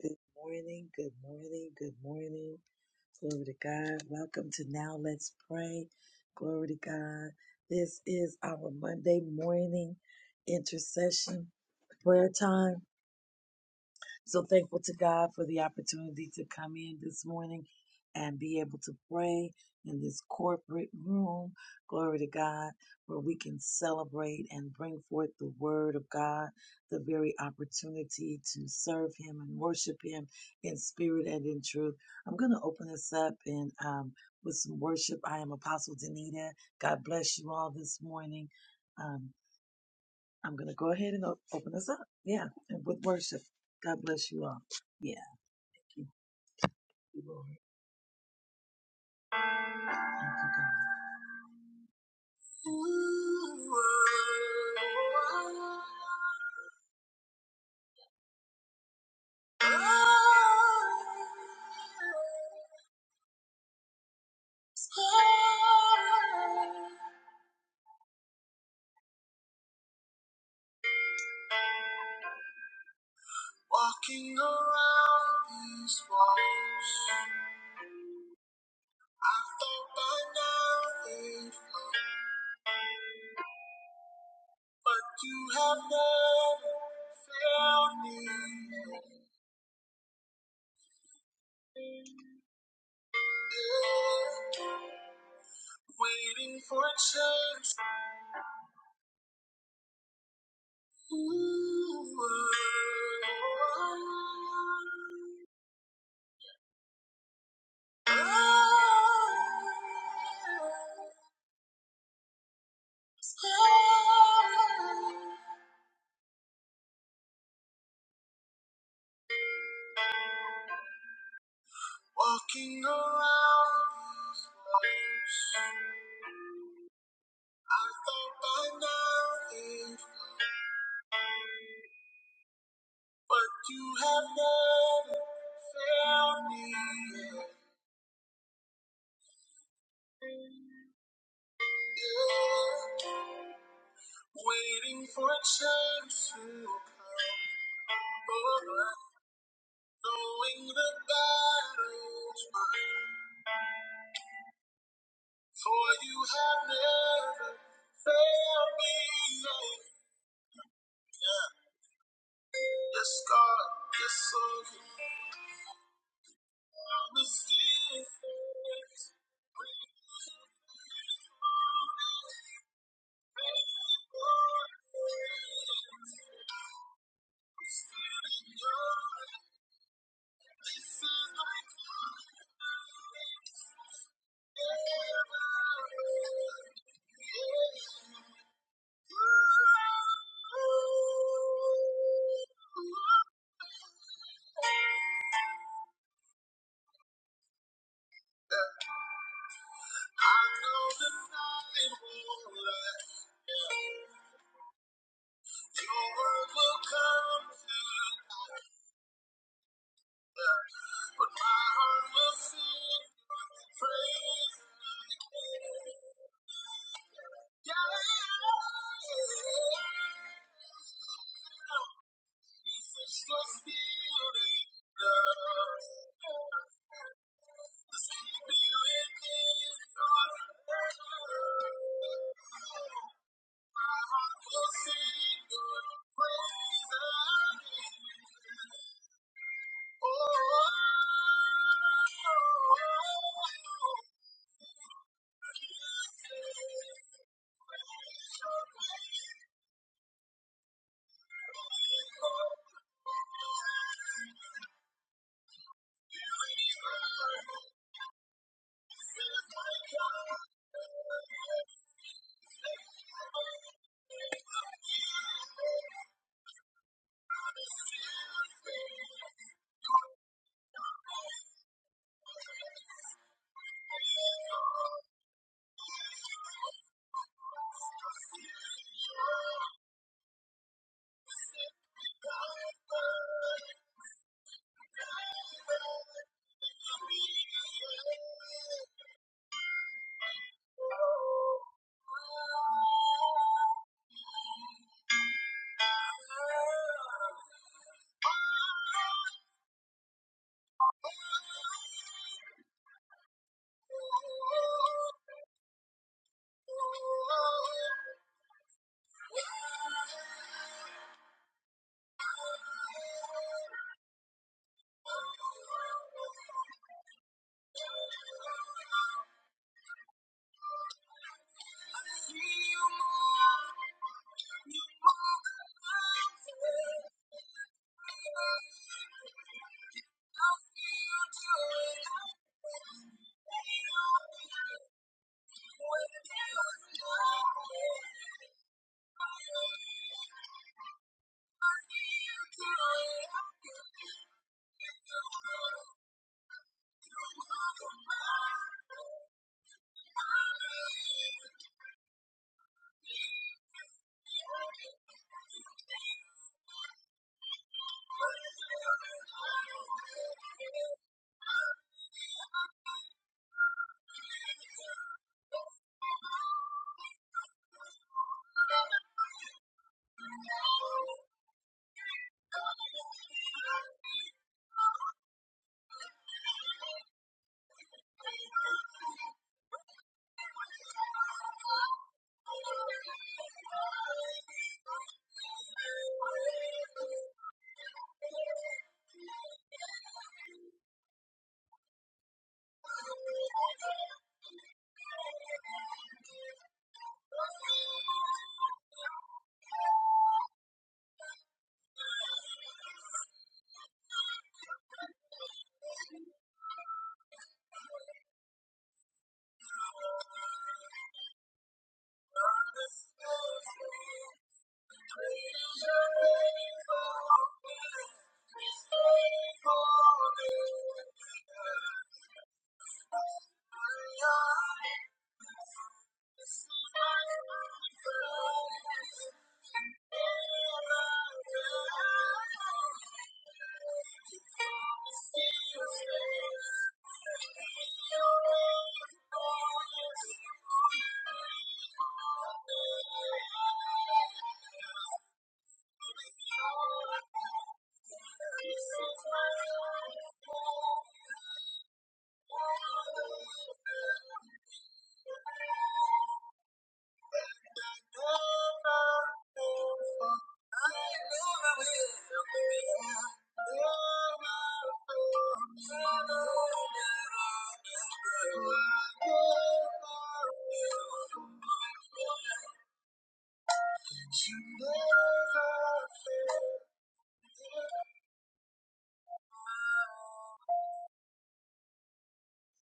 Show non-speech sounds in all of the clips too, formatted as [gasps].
Good morning, good morning, good morning. Glory to God. Welcome to Now Let's Pray. Glory to God. This is our Monday morning intercession prayer time. So thankful to God for the opportunity to come in this morning and be able to pray in this corporate room. Glory to God, where we can celebrate and bring forth the word of God, the very opportunity to serve Him and worship Him in spirit and in truth. I'm going to open this up and um, with some worship. I am Apostle Danita. God bless you all this morning. Um, I'm going to go ahead and o- open this up. Yeah, and with worship. God bless you all. Yeah. Thank you, Lord. Thank you, God. Walking around these walls, I think by now they've But you have never failed me yet. Waiting for a change. Ooh. Oh. Oh. Walking around these walls, I thought by now it was, but you have never found me yet. Yeah. Waiting for a chance to come, but knowing the battle's won. For you have never failed me yet. Yeah. Yes, God, yes, Lord. I was still faithful. when you were Still in your hand. This is my confidence. Never fail. Jesus was healing us. The Spirit is on My heart will sing your praise again. oh. Sure. I see you move, you move in my face. I see you do it again, and you're not even aware. I see you do it again, and you're not even aware. She never fails.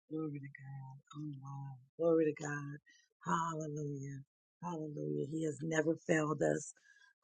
Glory to God. Oh, wow. Glory to God. Hallelujah. Hallelujah. He has never failed us.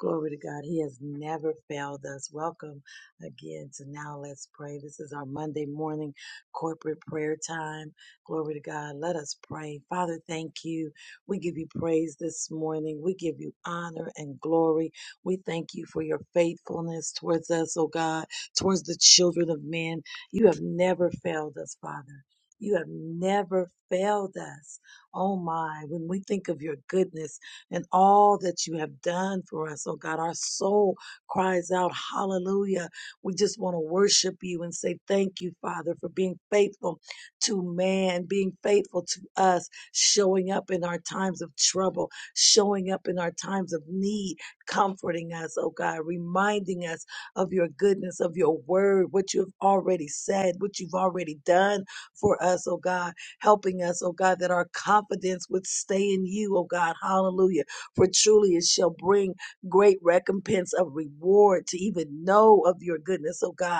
Glory to God. He has never failed us. Welcome again to Now Let's Pray. This is our Monday morning corporate prayer time. Glory to God. Let us pray. Father, thank you. We give you praise this morning. We give you honor and glory. We thank you for your faithfulness towards us, oh God, towards the children of men. You have never failed us, Father. You have never failed us. Oh my, when we think of your goodness and all that you have done for us, oh God, our soul cries out, Hallelujah. We just want to worship you and say thank you, Father, for being faithful to man, being faithful to us, showing up in our times of trouble, showing up in our times of need, comforting us, oh God, reminding us of your goodness, of your word, what you have already said, what you've already done for us, oh God, helping us, oh God, that our confidence would stay in you, oh God. Hallelujah. For truly it shall bring great recompense of reward to even know of your goodness, oh God.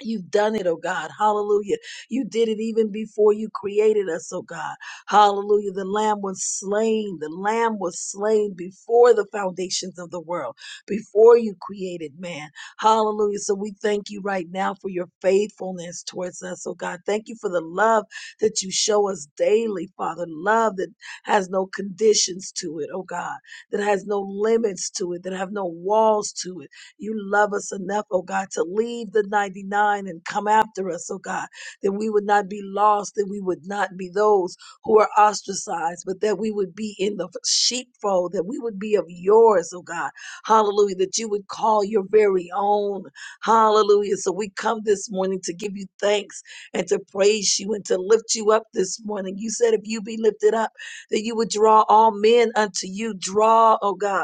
You've done it, oh God. Hallelujah. You did it even before you created us, oh God. Hallelujah. The lamb was slain. The lamb was slain before the foundations of the world, before you created man. Hallelujah. So we thank you right now for your faithfulness towards us, oh God. Thank you for the love that you show us daily, Father. Love that has no conditions to it, oh God, that has no limits to it, that have no walls to it. You love us enough, oh God, to leave the 99 and come after us, oh God, that we would not be lost, that we would not be those who are ostracized, but that we would be in the sheepfold, that we would be of yours, oh God. Hallelujah, that you would call your very own. Hallelujah. So we come this morning to give you thanks and to praise you and to lift you up this morning. You said if you be lifted up, that you would draw all men unto you. Draw, oh God.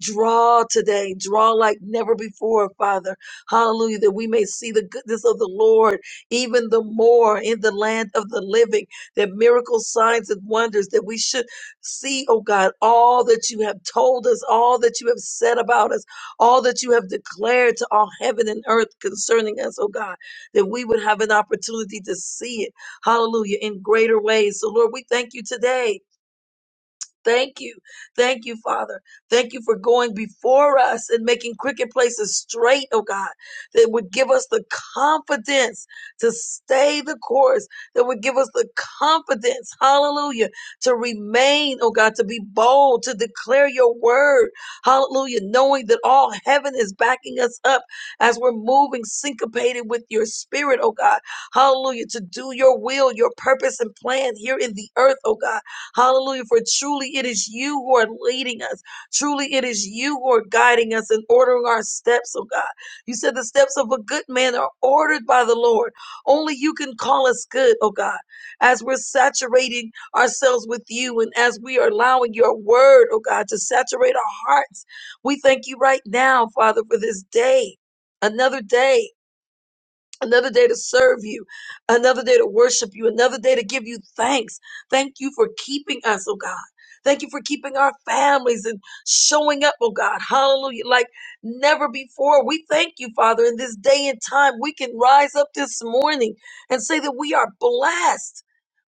Draw today, draw like never before, Father. Hallelujah, that we may see the goodness of the Lord even the more in the land of the living, that miracles, signs, and wonders that we should see, oh God, all that you have told us, all that you have said about us, all that you have declared to all heaven and earth concerning us, oh God, that we would have an opportunity to see it. Hallelujah, in greater ways. So, Lord, we thank you today us. Thank you. Thank you, Father. Thank you for going before us and making crooked places straight, oh God, that would give us the confidence to stay the course, that would give us the confidence, hallelujah, to remain, oh God, to be bold, to declare your word, hallelujah, knowing that all heaven is backing us up as we're moving syncopated with your spirit, oh God, hallelujah, to do your will, your purpose and plan here in the earth, oh God. Hallelujah. For truly it is you who are leading us. Truly it is you who are guiding us and ordering our steps, oh God. You said the steps of a good man are ordered by the Lord. Only you can call us good, oh God. As we're saturating ourselves with you and as we are allowing your word, oh God, to saturate our hearts, we thank you right now, Father, for this day. Another day another day to serve you, another day to worship you, another day to give you thanks. Thank you for keeping us, oh God. Thank you for keeping our families and showing up, oh God. Hallelujah. Like never before. We thank you, Father, in this day and time. We can rise up this morning and say that we are blessed.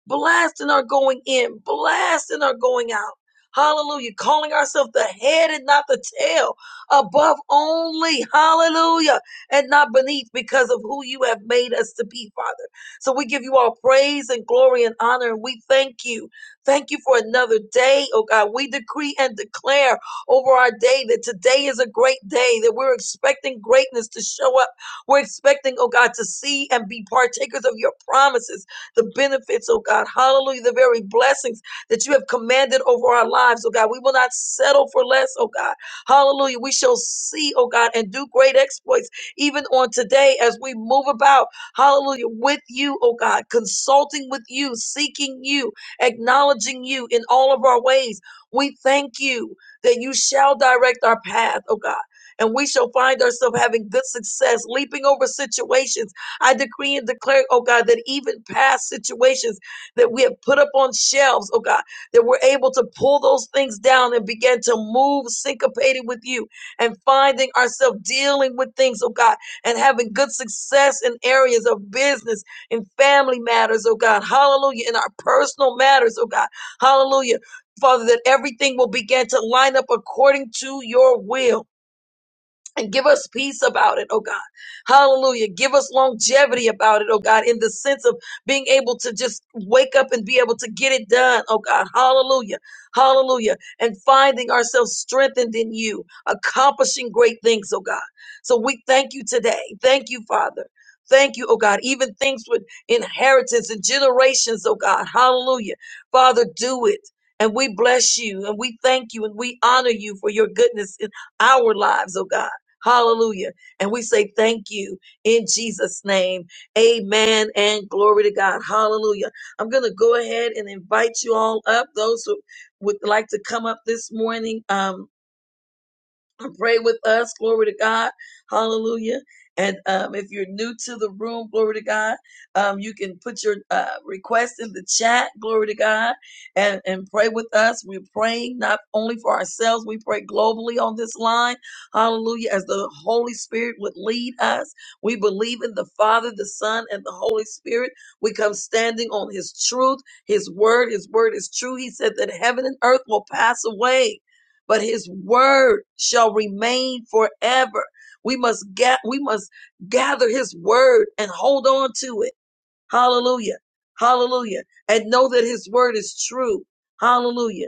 Blessed and are going in, blessed and are going out. Hallelujah. Calling ourselves the head and not the tail, above only. Hallelujah. And not beneath because of who you have made us to be, Father. So we give you all praise and glory and honor. And we thank you. Thank you for another day, oh God. We decree and declare over our day that today is a great day, that we're expecting greatness to show up. We're expecting, oh God, to see and be partakers of your promises the benefits, oh God. Hallelujah. The very blessings that you have commanded over our lives, oh God. We will not settle for less, oh God. Hallelujah. We shall see, oh God, and do great exploits even on today as we move about, hallelujah, with you, oh God, consulting with you, seeking you, acknowledging you in all of our ways. We thank you that you shall direct our path, oh God. And we shall find ourselves having good success, leaping over situations I decree and declare, oh God, that even past situations that we have put up on shelves, oh God, that we're able to pull those things down and begin to move syncopated with you and finding ourselves dealing with things, oh God, and having good success in areas of business, in family matters, oh God, hallelujah, in our personal matters, oh God, hallelujah. Father, that everything will begin to line up according to your will and give us peace about it, oh God. Hallelujah. Give us longevity about it, oh God, in the sense of being able to just wake up and be able to get it done, oh God. Hallelujah. Hallelujah. And finding ourselves strengthened in you, accomplishing great things, oh God. So we thank you today. Thank you, Father. Thank you, oh God. Even things with inheritance and generations, oh God. Hallelujah. Father, do it. And we bless you and we thank you and we honor you for your goodness in our lives, oh God. Hallelujah. And we say thank you in Jesus' name. Amen and glory to God. Hallelujah. I'm going to go ahead and invite you all up. Those who would like to come up this morning. Um, pray with us. Glory to God. Hallelujah. And um, if you're new to the room, glory to God, um, you can put your uh, request in the chat, glory to God, and, and pray with us. We're praying not only for ourselves, we pray globally on this line. Hallelujah. As the Holy Spirit would lead us, we believe in the Father, the Son, and the Holy Spirit. We come standing on His truth, His word. His word is true. He said that heaven and earth will pass away but his word shall remain forever. We must get we must gather his word and hold on to it. Hallelujah. Hallelujah. And know that his word is true. Hallelujah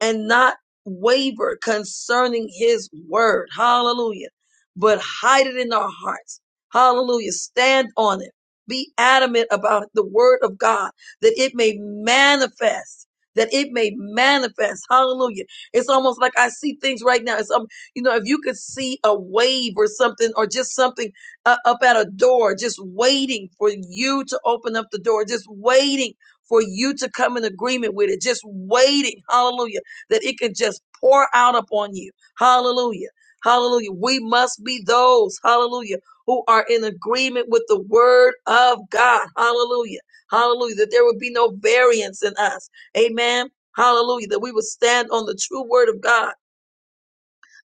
and not waver concerning his word. Hallelujah. But hide it in our hearts. Hallelujah. Stand on it. Be adamant about the word of God that it may manifest. That it may manifest. Hallelujah. It's almost like I see things right now. It's um, you know, if you could see a wave or something, or just something uh, up at a door, just waiting for you to open up the door, just waiting for you to come in agreement with it, just waiting. Hallelujah that it can just pour out upon you. Hallelujah. Hallelujah. We must be those, hallelujah, who are in agreement with the word of God. Hallelujah. Hallelujah. That there would be no variance in us. Amen. Hallelujah. That we would stand on the true word of God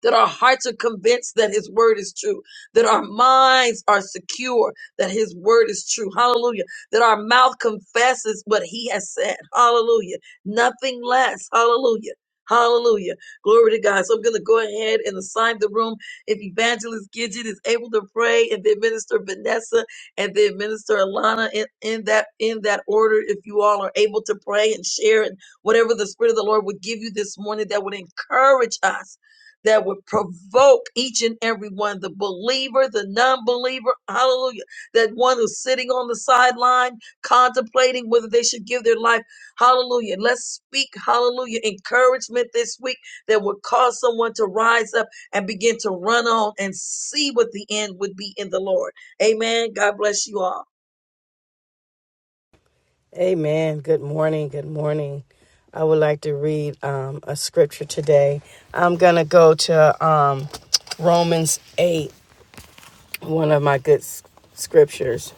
that our hearts are convinced that his word is true, that our minds are secure that his word is true. Hallelujah. That our mouth confesses what he has said. Hallelujah. Nothing less. Hallelujah. Hallelujah. Glory to God. So I'm going to go ahead and assign the room. If Evangelist Gidget is able to pray and then Minister Vanessa and then Minister Alana in, in that, in that order, if you all are able to pray and share and whatever the Spirit of the Lord would give you this morning that would encourage us that would provoke each and every one, the believer, the non-believer, hallelujah, that one who's sitting on the sideline contemplating whether they should give their life, hallelujah. Let's speak, hallelujah, encouragement this week that would cause someone to rise up and begin to run on and see what the end would be in the Lord. Amen. God bless you all. Amen. Good morning. Good morning. I would like to read um, a scripture today. I'm going to go to um, Romans 8, one of my good s- scriptures.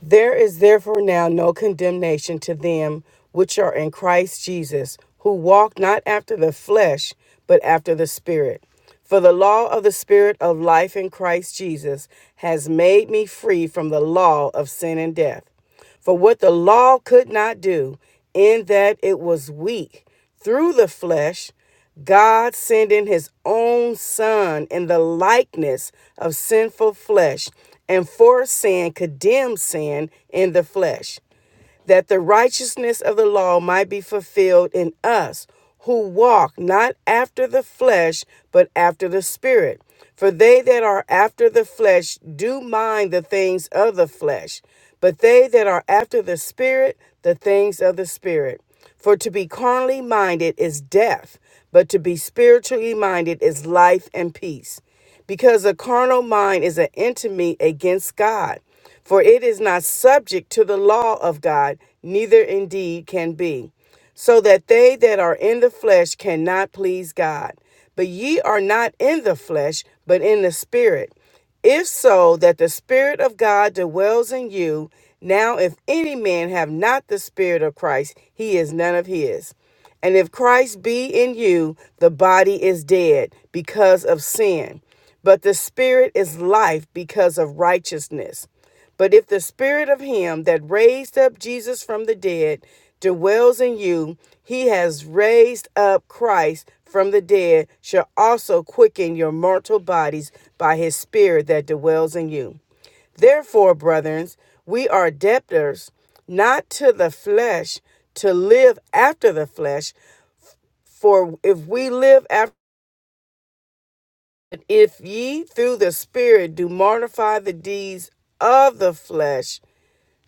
There is therefore now no condemnation to them which are in Christ Jesus, who walk not after the flesh, but after the Spirit. For the law of the Spirit of life in Christ Jesus has made me free from the law of sin and death. For what the law could not do, in that it was weak through the flesh, God sending his own Son in the likeness of sinful flesh, and for sin condemned sin in the flesh that the righteousness of the law might be fulfilled in us who walk not after the flesh, but after the Spirit. For they that are after the flesh do mind the things of the flesh, but they that are after the Spirit, the things of the Spirit. For to be carnally minded is death, but to be spiritually minded is life and peace because a carnal mind is an enemy against God. For it is not subject to the law of God, neither indeed can be. So that they that are in the flesh cannot please God. But ye are not in the flesh, but in the Spirit. If so, that the Spirit of God dwells in you. Now, if any man have not the Spirit of Christ, he is none of his. And if Christ be in you, the body is dead because of sin, but the spirit is life because of righteousness. But if the spirit of him that raised up Jesus from the dead dwells in you, he has raised up Christ from the dead, shall also quicken your mortal bodies by his spirit that dwells in you. Therefore, brethren, we are debtors not to the flesh to live after the flesh. For if we live after, if ye through the Spirit do mortify the deeds of the flesh,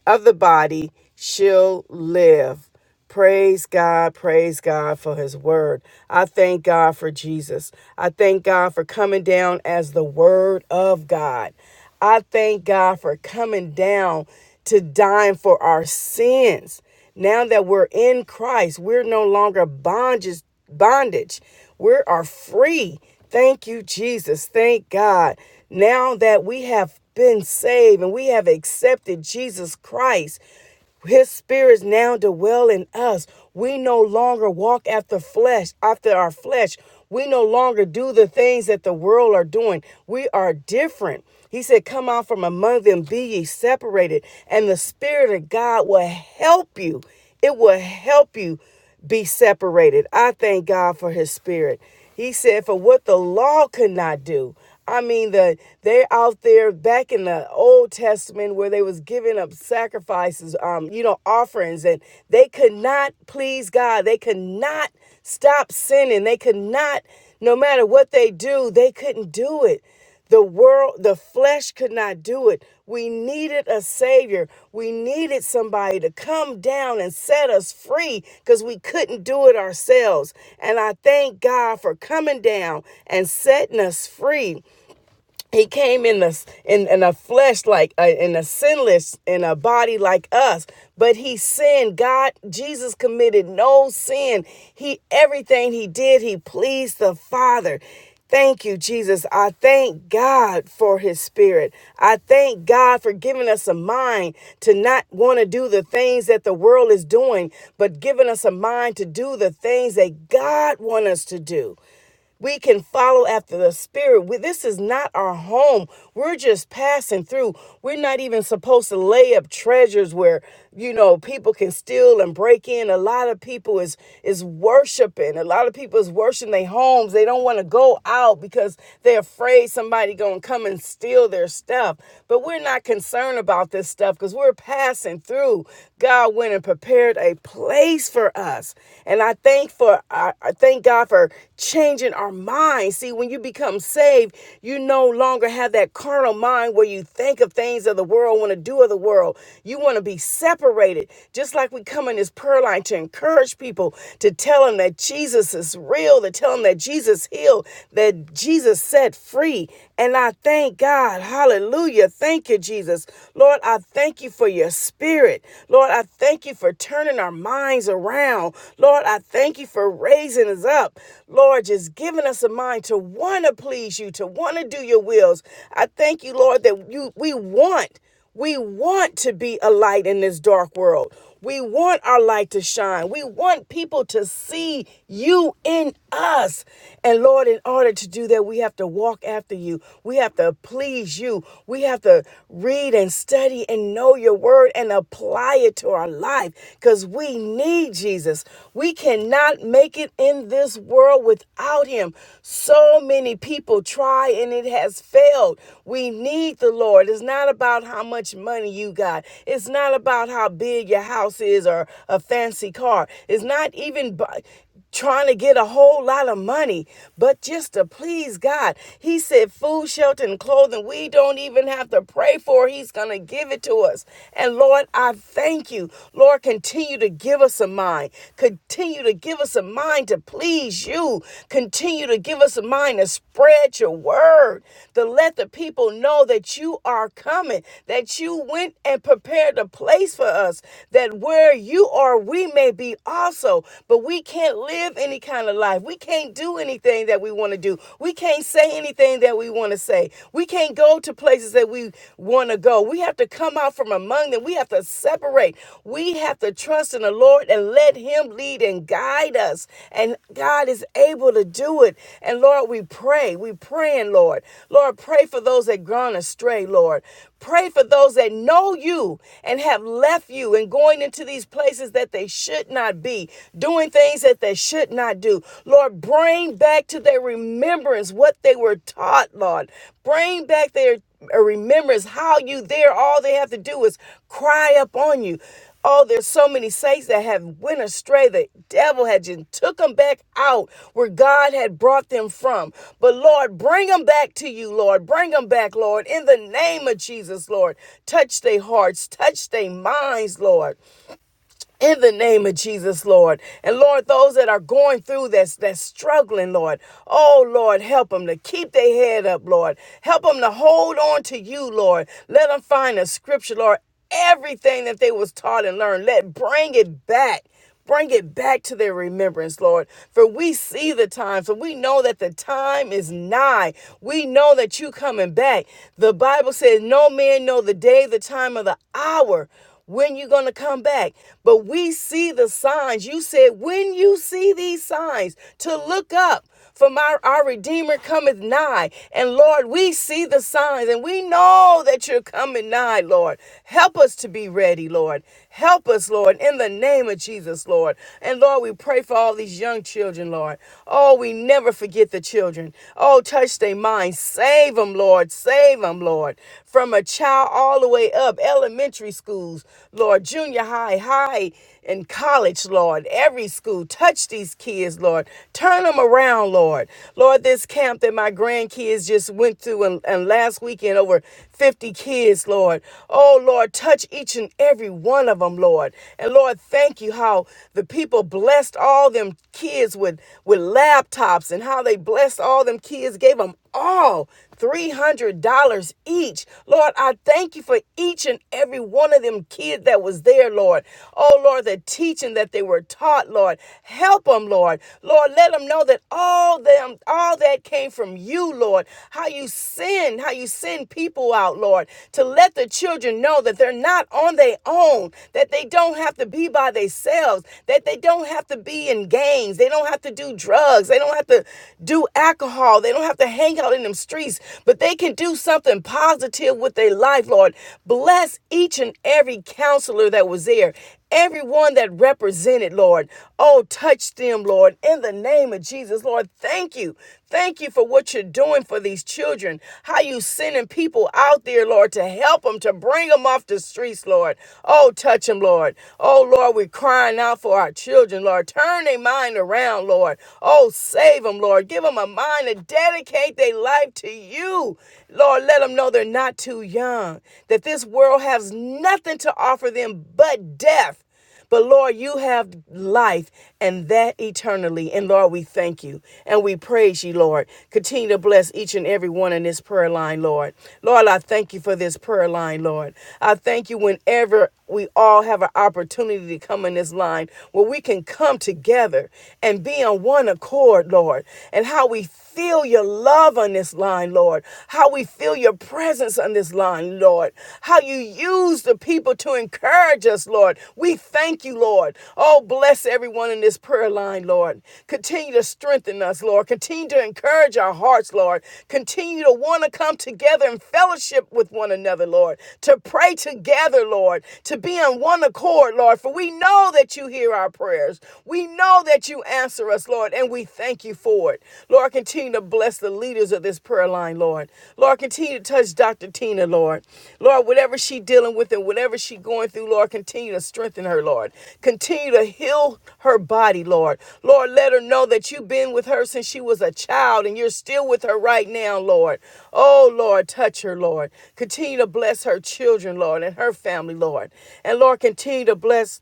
of the body, shall live. Praise God, praise God for his word. I thank God for Jesus. I thank God for coming down as the word of God. I thank God for coming down to dying for our sins. Now that we're in Christ, we're no longer bondage, bondage. We are free. Thank you, Jesus. Thank God. Now that we have been saved and we have accepted Jesus Christ, his spirits now dwell in us. We no longer walk after flesh, after our flesh. We no longer do the things that the world are doing. We are different. He said, Come out from among them, be ye separated, and the Spirit of God will help you. It will help you be separated. I thank God for his spirit. He said, For what the law could not do. I mean, the they're out there back in the Old Testament where they was giving up sacrifices, um, you know, offerings, and they could not please God. They could not stop sinning. They could not, no matter what they do, they couldn't do it. The world, the flesh could not do it. We needed a savior. We needed somebody to come down and set us free because we couldn't do it ourselves. And I thank God for coming down and setting us free he came in the in, in a flesh like uh, in a sinless in a body like us but he sinned god jesus committed no sin he everything he did he pleased the father Thank you, Jesus. I thank God for his spirit. I thank God for giving us a mind to not want to do the things that the world is doing, but giving us a mind to do the things that God wants us to do. We can follow after the Spirit. We- this is not our home. We're just passing through. We're not even supposed to lay up treasures where you know people can steal and break in. A lot of people is is worshiping. A lot of people is worshiping their homes. They don't want to go out because they're afraid somebody gonna come and steal their stuff. But we're not concerned about this stuff because we're passing through. God went and prepared a place for us, and I thank for I thank God for changing our minds. See, when you become saved, you no longer have that carnal mind where you think of things of the world, want to do of the world. You want to be separated. Just like we come in this prayer line to encourage people, to tell them that Jesus is real, to tell them that Jesus healed, that Jesus set free. And I thank God. Hallelujah. Thank you, Jesus. Lord, I thank you for your spirit. Lord, I I thank you for turning our minds around. Lord, I thank you for raising us up. Lord, just giving us a mind to want to please you, to want to do your wills. I thank you, Lord, that you we want we want to be a light in this dark world. We want our light to shine. We want people to see you in us. And Lord, in order to do that, we have to walk after you. We have to please you. We have to read and study and know your word and apply it to our life because we need Jesus. We cannot make it in this world without him. So many people try and it has failed. We need the Lord. It's not about how much money you got, it's not about how big your house house is or a fancy car. It's not even bu- trying to get a whole lot of money, but just to please God. He said, food, shelter, and clothing, we don't even have to pray for. He's going to give it to us. And Lord, I thank you. Lord, continue to give us a mind. Continue to give us a mind to please you. Continue to give us a mind to spread your word, to let the people know that you are coming, that you went and prepared a place for us, That that where you are, we may be also, but we can't live any kind of life. We can't do anything that we want to do. We can't say anything that we want to say. We can't go to places that we want to go. We have to come out from among them. We have to separate. We have to trust in the Lord and let Him lead and guide us. And God is able to do it. And Lord, we pray. We praying, Lord. Lord, pray for those that gone astray, Lord. Pray for those that know you and have left you and going going into these places that they should not be, doing things that they should not do. Lord, bring back to their remembrance what they were taught, Lord. Bring back their uh, remembrance how you there all they have to do is cry up on you oh there's so many saints that have went astray the devil had just took them back out where god had brought them from but lord bring them back to you lord bring them back lord in the name of jesus lord touch their hearts touch their minds lord in the name of Jesus, Lord. And Lord, those that are going through that's that's struggling, Lord. Oh Lord, help them to keep their head up, Lord. Help them to hold on to you, Lord. Let them find a scripture, Lord. Everything that they was taught and learned, let bring it back Bring it back to their remembrance, Lord. For we see the time, for we know that the time is nigh. We know that you coming back. The Bible says, No man know the day, the time, or the hour when you're going to come back. But we see the signs. You said, When you see these signs, to look up. For my, our Redeemer cometh nigh. And Lord, we see the signs and we know that you're coming nigh, Lord. Help us to be ready, Lord. Help us, Lord, in the name of Jesus, Lord. And Lord, we pray for all these young children, Lord. Oh, we never forget the children. Oh, touch their minds. Save them, Lord. Save them, Lord. From a child all the way up, elementary schools, Lord, junior high, high, and college, Lord. Every school. Touch these kids, Lord. Turn them around, Lord. Lord, this camp that my grandkids just went through and, and last weekend over 50 kids, Lord. Oh, Lord, touch each and every one of them, Lord. And Lord, thank you how the people blessed all them kids with, with laptops and how they blessed all them kids, gave them all. $300 each. Lord, I thank you for each and every one of them kids that was there, Lord. Oh, Lord, the teaching that they were taught, Lord. Help them, Lord. Lord, let them know that all them, all that came from you, Lord. How you send, how you send people out, Lord, to let the children know that they're not on their own, that they don't have to be by themselves, that they don't have to be in gangs, they don't have to do drugs, they don't have to do alcohol y'all. They don't have to hang out in them streets, but they can do something positive with their life, Lord. Bless each and every counselor that was there. Everyone that represented, Lord. Oh, touch them, Lord, in the name of Jesus. Lord, thank you. Thank you for what you're doing for these children. How you sending people out there, Lord, to help them, to bring them off the streets, Lord. Oh, touch them, Lord. Oh, Lord, we're crying out for our children, Lord. Turn their mind around, Lord. Oh, save Save them, Lord. Give them a mind to dedicate their life to you. Lord, let them know they're not too young, that this world has nothing to offer them but death. But Lord, you have life and that eternally. And Lord, we thank you and we praise you, Lord. Continue to bless each and every one in this prayer line, Lord. Lord, I thank you for this prayer line, Lord. I thank you whenever we all have an opportunity to come in this line where we can come together and be on one accord, Lord, and how we feel your love on this line, Lord, how we feel your presence on this line, Lord, how you use the people to encourage us, Lord. We thank you, Lord. Oh, bless everyone in this prayer line, Lord. Continue to strengthen us, Lord. Continue to encourage our hearts, Lord. Continue to want to come together in fellowship with one another, Lord, to pray together, Lord, to be on one accord, Lord, for we know that you hear our prayers prayers. We know that you answer us, Lord, and we thank you for it. Lord, continue to bless the leaders of this prayer line, Lord. Lord, continue to touch Dr. Tina, Lord. Lord, whatever she's dealing with and whatever she's going through, Lord, continue to strengthen her, Lord. Continue to heal her body, Lord. Lord, let her know that you've been with her since she was a child and you're still with her right now, Lord. Oh, Lord, touch her, Lord. Continue to bless her children, Lord, and her family, Lord. And Lord, continue to bless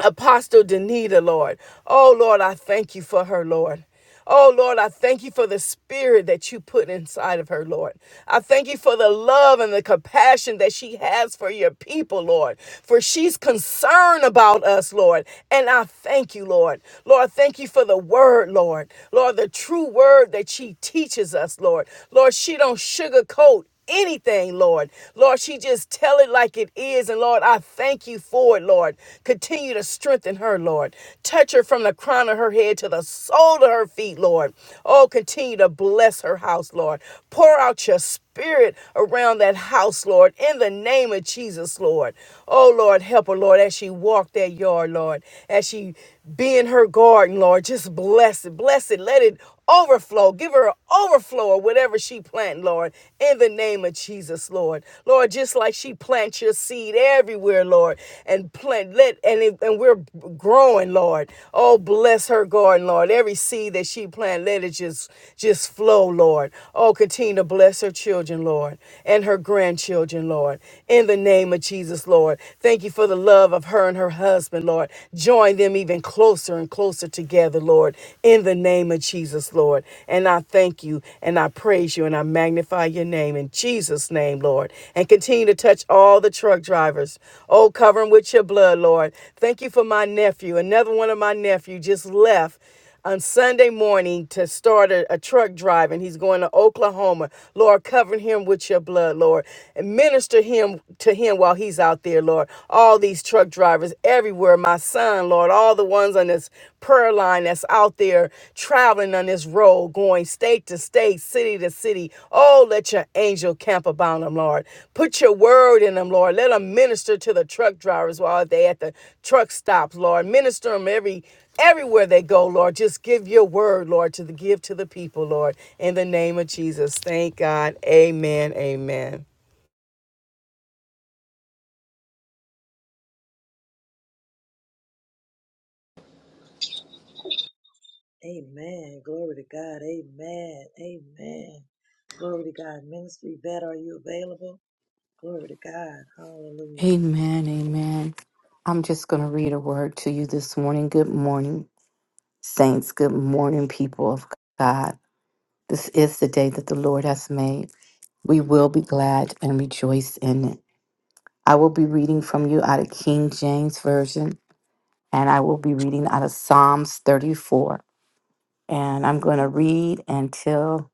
Apostle Danita, Lord. Oh, Lord, I thank you for her, Lord. Oh, Lord, I thank you for the spirit that you put inside of her, Lord. I thank you for the love and the compassion that she has for your people, Lord. For she's concerned about us, Lord. And I thank you, Lord. Lord, thank you for the word, Lord. Lord, the true word that she teaches us, Lord. Lord, she don't sugarcoat anything, Lord. Lord, she just tell it like it is. And Lord, I thank you for it, Lord. Continue to strengthen her, Lord. Touch her from the crown of her head to the sole of her feet, Lord. Oh, continue to bless her house, Lord. Pour out your spirit around that house, Lord, in the name of Jesus, Lord. Oh, Lord, help her, Lord, as she walked that yard, Lord, as she be in her garden, Lord. Just bless it, bless it. Let it overflow. Give her an overflow of whatever she plant, Lord, in the name of Jesus, Lord. Lord, just like she plants your seed everywhere, Lord, and plant let and if, and we're growing, Lord. Oh, bless her garden, Lord. Every seed that she plant, let it just just flow, Lord. Oh, continue to bless her children, Lord, and her grandchildren, Lord. In the name of Jesus, Lord. Thank you for the love of her and her husband, Lord. Join them even closer closer and closer together, Lord, in the name of Jesus, Lord. And I thank you and I praise you and I magnify your name in Jesus' name, Lord. And continue to touch all the truck drivers. Oh, cover them with your blood, Lord. Thank you for my nephew. Another one of my nephew just left on Sunday morning to start a, a truck drive, and he's going to Oklahoma. Lord, cover him with your blood, Lord, and minister him to him while he's out there, Lord. All these truck drivers everywhere, my son, Lord, all the ones on this prayer line that's out there traveling on this road, going state to state, city to city. Oh, let your angel camp about them, Lord. Put your word in them, Lord. Let them minister to the truck drivers while they at the truck stops, Lord. Minister them every Everywhere they go, Lord, just give your word, Lord, to the give to the people, Lord, in the name of Jesus. Thank God. Amen. Amen. Amen. Glory to God. Amen. Amen. Glory to God. Ministry vet, are you available? Glory to God. Hallelujah. Amen, amen. I'm just going to read a word to you this morning. Good morning, saints. Good morning, people of God. This is the day that the Lord has made. We will be glad and rejoice in it. I will be reading from you out of King James Version, and I will be reading out of Psalms 34. And I'm going to read until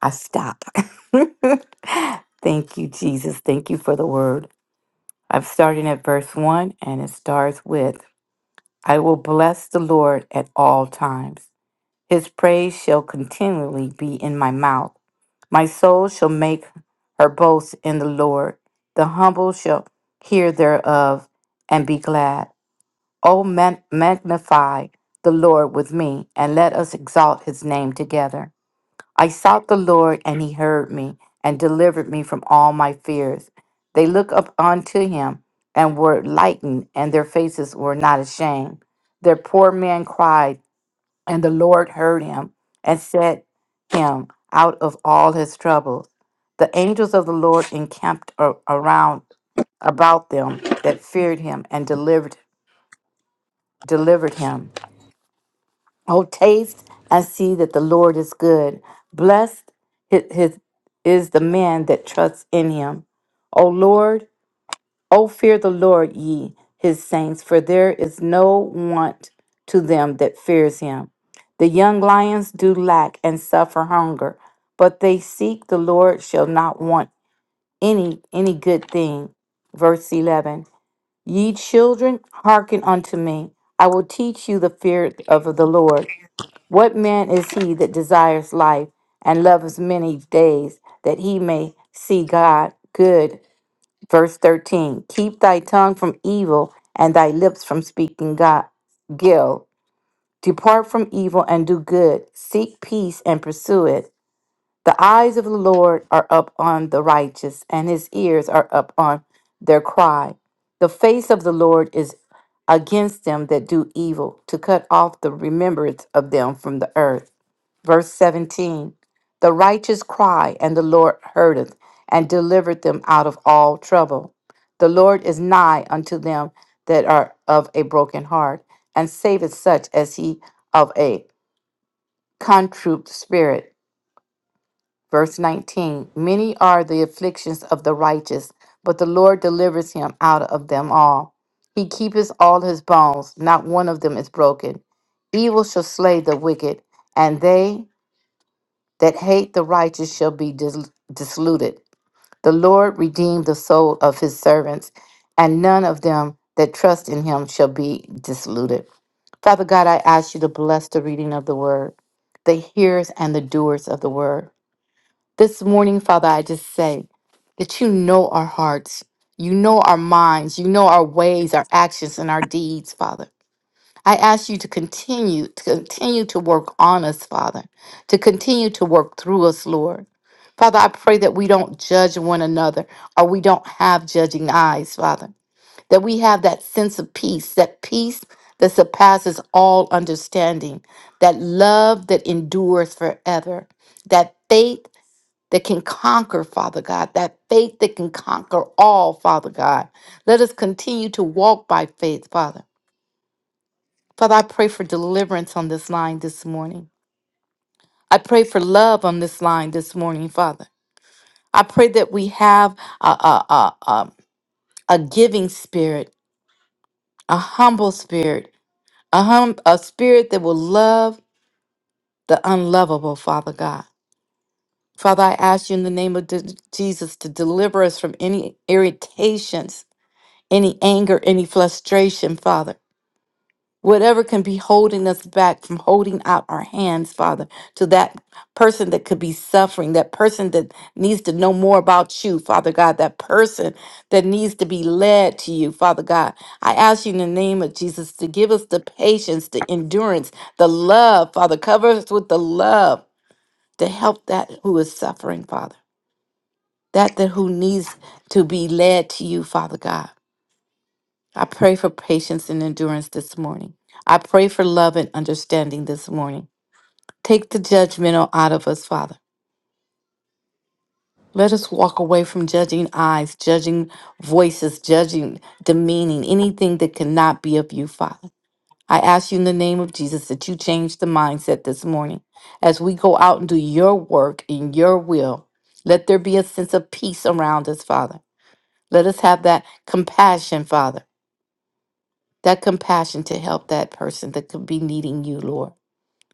I stop. [laughs] Thank you, Jesus. Thank you for the word. I'm starting at verse 1, and it starts with. I will bless the Lord at all times. His praise shall continually be in my mouth. My soul shall make her boast in the Lord. The humble shall hear thereof and be glad. O man- magnify the Lord with me, and let us exalt his name together. I sought the Lord, and he heard me and delivered me from all my fears. They looked up unto him and were lightened, and their faces were not ashamed. Their poor man cried, and the Lord heard him and set him out of all his troubles. The angels of the Lord encamped a- around about them that feared him and delivered delivered him. Oh, taste and see that the Lord is good. Blessed hi- his, is the man that trusts in him. O Lord, O fear the Lord, ye his saints, for there is no want to them that fears him. The young lions do lack and suffer hunger, but they seek the Lord shall not want any any good thing. Verse 11 Ye children, hearken unto me. I will teach you the fear of the Lord. What man is he that desires life and loves many days that he may see God? Good. Verse 13 Keep thy tongue from evil and thy lips from speaking God. Gil. Depart from evil and do good. Seek peace and pursue it. The eyes of the Lord are up on the righteous, and his ears are up on their cry. The face of the Lord is against them that do evil, to cut off the remembrance of them from the earth. Verse 17 The righteous cry, and the Lord heardeth, and delivered them out of all trouble. The Lord is nigh unto them that are of a broken heart, and saveth such as he of a contrite spirit. Verse 19 Many are the afflictions of the righteous, but the Lord delivers him out of them all. He keepeth all his bones, not one of them is broken. Evil shall slay the wicked, and they that hate the righteous shall be dis- disluted. The Lord redeemed the soul of his servants, and none of them that trust in him shall be disluted. Father God, I ask you to bless the reading of the word, the hearers and the doers of the word. This morning, Father, I just say that you know our hearts, you know our minds, you know our ways, our actions, and our deeds, Father. I ask you to continue to continue to work on us, Father, to continue to work through us, Lord. Father, I pray that we don't judge one another or we don't have judging eyes, Father. That we have that sense of peace, that peace that surpasses all understanding, that love that endures forever, that faith that can conquer, Father God, that faith that can conquer all, Father God. Let us continue to walk by faith, Father. Father, I pray for deliverance on this line this morning. I pray for love on this line this morning, Father. I pray that we have a, a, a, a, a giving spirit, a humble spirit, a, hum, a spirit that will love the unlovable, Father God. Father, I ask you in the name of de- Jesus to deliver us from any irritations, any anger, any frustration, Father. Whatever can be holding us back from holding out our hands, Father, to that person that could be suffering, that person that needs to know more about you, Father God, that person that needs to be led to you, Father God. I ask you in the name of Jesus to give us the patience, the endurance, the love, Father. Cover us with the love to help that who is suffering, Father. That that who needs to be led to you, Father God. I pray for patience and endurance this morning. I pray for love and understanding this morning. Take the judgmental out of us, Father. Let us walk away from judging eyes, judging voices, judging, demeaning, anything that cannot be of you, Father. I ask you in the name of Jesus that you change the mindset this morning. As we go out and do your work in your will, let there be a sense of peace around us, Father. Let us have that compassion, Father. that compassion to help that person that could be needing you, Lord.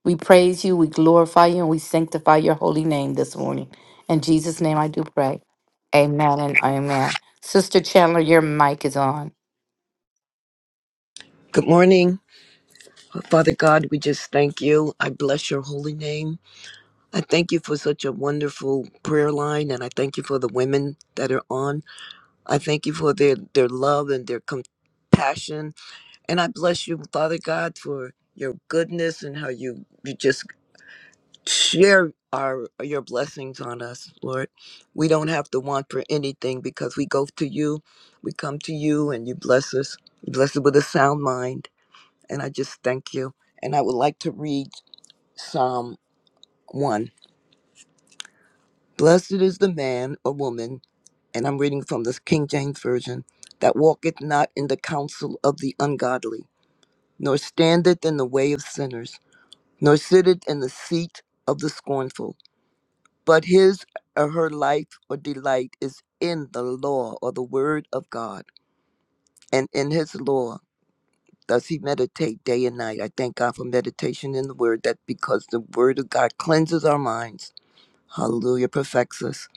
We praise you, we glorify you, and we sanctify your holy name this morning. In Jesus' name I do pray. Amen and amen. Sister Chandler, your mic is on. Good morning. Father God, we just thank you. I bless your holy name. I thank you for such a wonderful prayer line and I thank you for the women that are on. I thank you for their their love and their compassion. And I bless you, Father God, for your goodness and how you you just share our your blessings on us, Lord. We don't have to want for anything because we go to you. We come to you and you bless us. You bless us with a sound mind. and I just thank you. And I would like to read Psalm 1. Blessed is the man or woman, and I'm reading from the King James Version, that walketh not in the counsel of the ungodly, nor standeth in the way of sinners, nor sitteth in the seat of the scornful. But his or her life or delight is in the law or the word of God, and in his law does he meditate day and night. I thank God for meditation in the word that because the word of God cleanses our minds Hallelujah perfects us.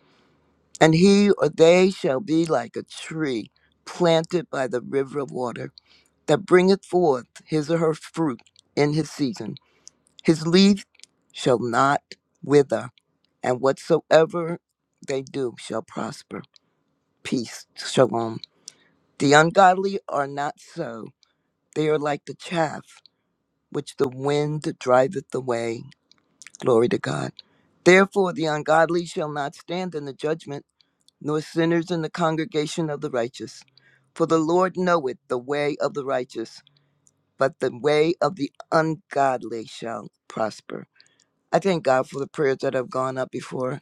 And he or they shall be like a tree planted by the river of water that bringeth forth his or her fruit in his season. His leaf shall not wither, and whatsoever they do shall prosper. Peace, shalom. The ungodly are not so. They are like the chaff which the wind driveth away. Glory to God. Therefore, the ungodly shall not stand in the judgment nor sinners in the congregation of the righteous. For the Lord knoweth the way of the righteous, but the way of the ungodly shall prosper. I thank God for the prayers that have gone up before.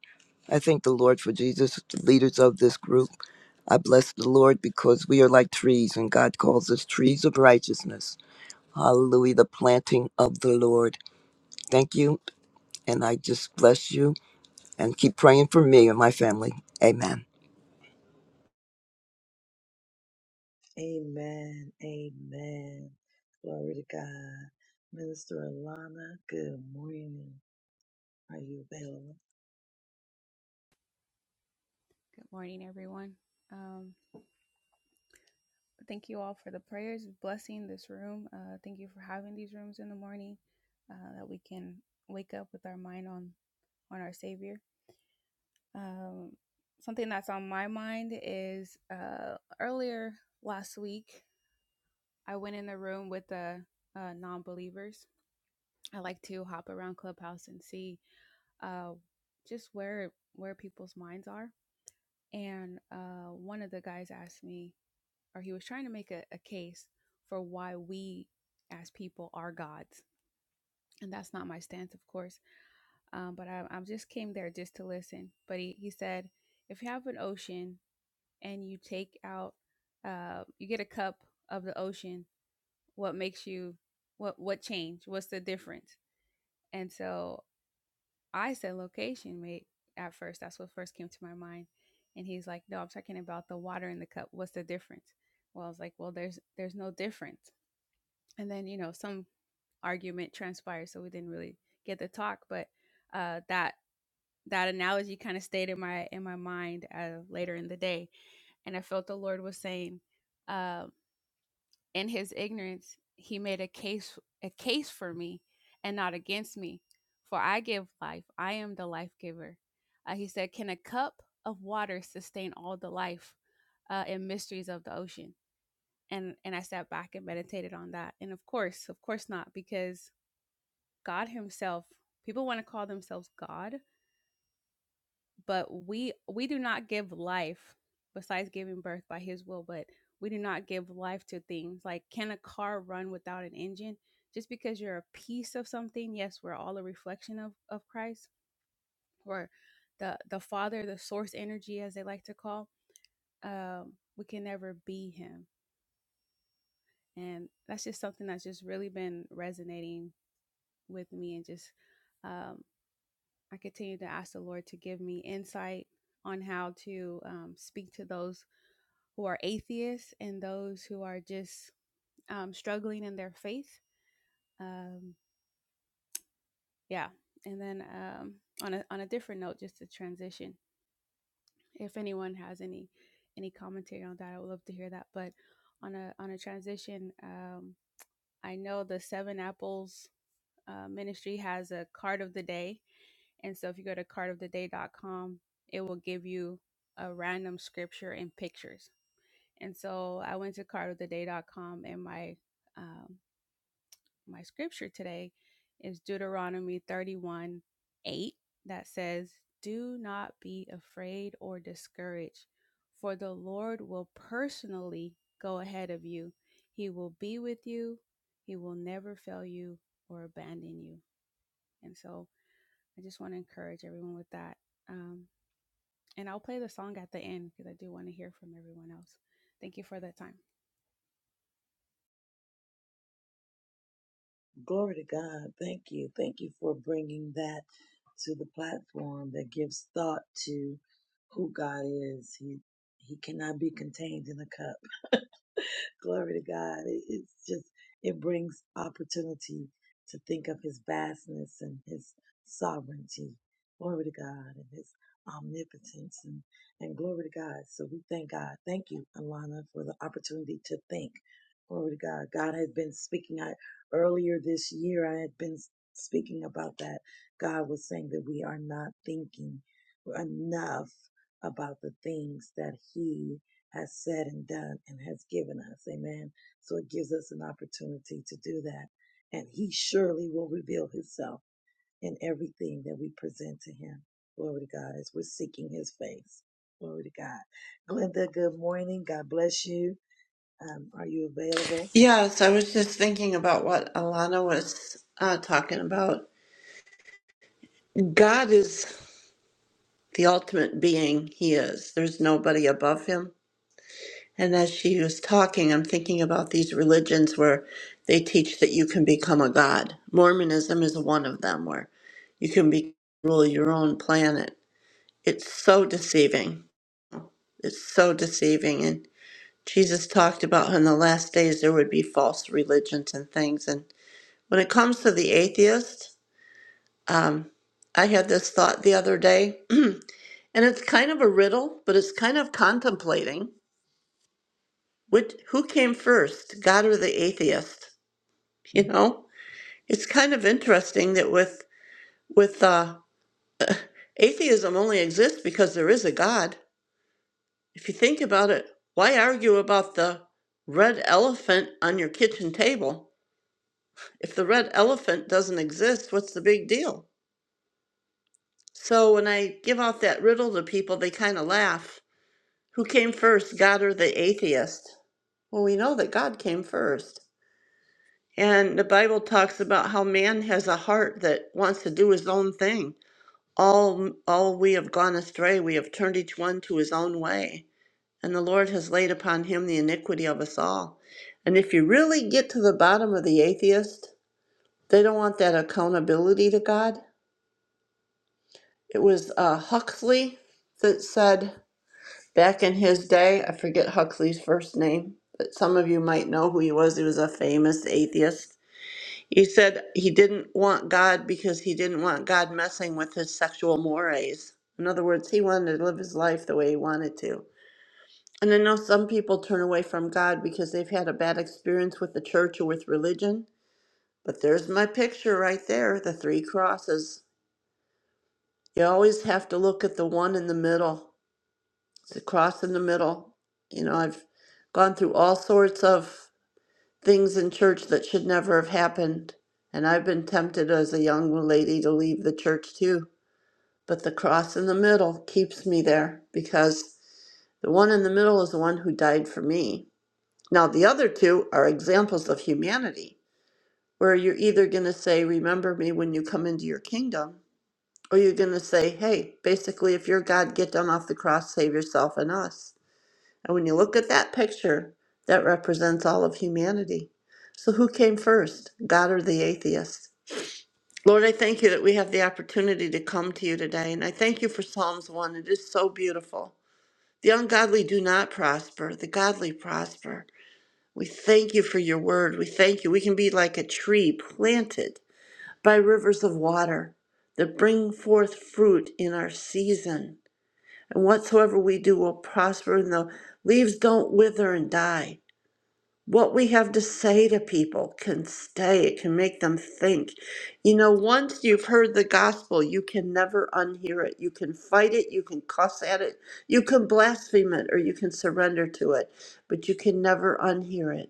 I thank the Lord for Jesus, the leaders of this group. I bless the Lord because we are like trees, and God calls us trees of righteousness. Hallelujah, the planting of the Lord. Thank you, and I just bless you and keep praying for me and my family. Amen. Amen. Amen. Glory to God. Minister Alana, good morning. Are you available? Glory to God. Thank you. Thank you for bringing that to the platform that gives thought to who God is. He, he cannot be contained in a cup. Glory to God. It, it's just, it brings opportunity to think of his vastness and his sovereignty. Glory to God and his omnipotence and, and glory to God. So we thank God. Thank you, Alana, for the opportunity to think. Glory to God. God had been speaking. I, earlier this year, I had been speaking about that. God was saying that we are not thinking enough about the things that he has said and done and has given us. Amen. So it gives us an opportunity to do that. And he surely will reveal himself in everything that we present to him. Glory to God as we're seeking his face. Glory to God. Glenda, good morning. God bless you. Um, are you available? Yes, I was just thinking about what Alana was uh, talking about. God is the ultimate being, He is. There's nobody above Him. And as she was talking, I'm thinking about these religions where they teach that you can become a God. Mormonism is one of them where you can be, rule your own planet. It's so deceiving. It's so deceiving. And Jesus talked about how in the last days there would be false religions and things. And when it comes to the atheist, Um, I had this thought the other day, [clears throat] and it's kind of a riddle, but it's kind of contemplating which who came first, God or the atheist? [laughs] You know, it's kind of interesting that with with uh, atheism only exists because there is a God. If you think about it, why argue about the red elephant on your kitchen table? If the red elephant doesn't exist, what's the big deal? So when I give out that riddle to people, they kind of laugh Who came first, God or the atheist? Well, we know that God came first. And the Bible talks about how man has a heart that wants to do his own thing. All, all we have gone astray, we have turned each one to his own way. And the Lord has laid upon him the iniquity of us all. And if you really get to the bottom of the atheist, they don't want that accountability to God. It was uh, Huxley that said, Back in his day, I forget Huxley's first name, but some of you might know who he was. He was a famous atheist. He said he didn't want God because he didn't want God messing with his sexual mores. In other words, he wanted to live his life the way he wanted to. And I know some people turn away from God because they've had a bad experience with the church or with religion. But there's my picture right there the three crosses. You always have to look at the one in the middle. It's a cross in the middle. You know, I've gone through all sorts of things in church that should never have happened. And I've been tempted as a young lady to leave the church too. But the cross in the middle keeps me there because the one in the middle is the one who died for me. Now, the other two are examples of humanity where you're either going to say, Remember me when you come into your kingdom, or you're going to say, Hey, basically, if you're God, get down off the cross, save yourself and us. And when you look at that picture, that represents all of humanity. So, who came first, God or the atheist? Lord, I thank you that we have the opportunity to come to you today. And I thank you for Psalms 1. It is so beautiful. The ungodly do not prosper, the godly prosper. We thank you for your word. We thank you. We can be like a tree planted by rivers of water that bring forth fruit in our season. And whatsoever we do will prosper, and the leaves don't wither and die what we have to say to people can stay it can make them think you know once you've heard the gospel you can never unhear it you can fight it you can cuss at it you can blaspheme it or you can surrender to it but you can never unhear it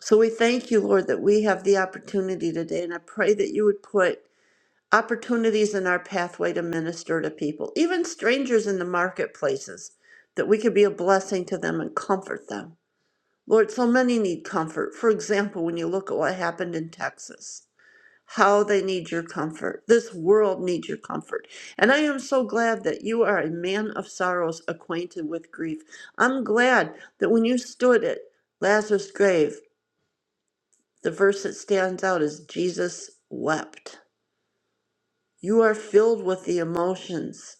so we thank you lord that we have the opportunity today and i pray that you would put opportunities in our pathway to minister to people even strangers in the marketplaces that we could be a blessing to them and comfort them Lord, so many need comfort. For example, when you look at what happened in Texas, how they need your comfort. This world needs your comfort. And I am so glad that you are a man of sorrows acquainted with grief. I'm glad that when you stood at Lazarus' grave, the verse that stands out is Jesus wept. You are filled with the emotions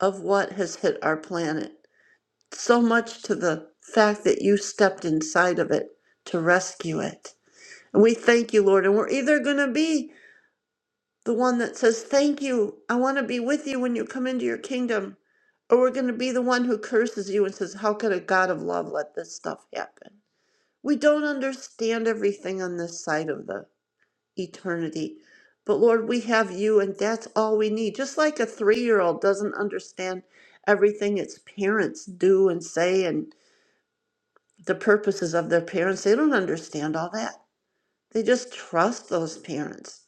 of what has hit our planet, so much to the fact that you stepped inside of it to rescue it. And we thank you, Lord. And we're either going to be the one that says, Thank you. I want to be with you when you come into your kingdom. Or we're going to be the one who curses you and says, How could a God of love let this stuff happen? We don't understand everything on this side of the eternity. But Lord, we have you, and that's all we need. Just like a three year old doesn't understand everything its parents do and say and the purposes of their parents, they don't understand all that. They just trust those parents.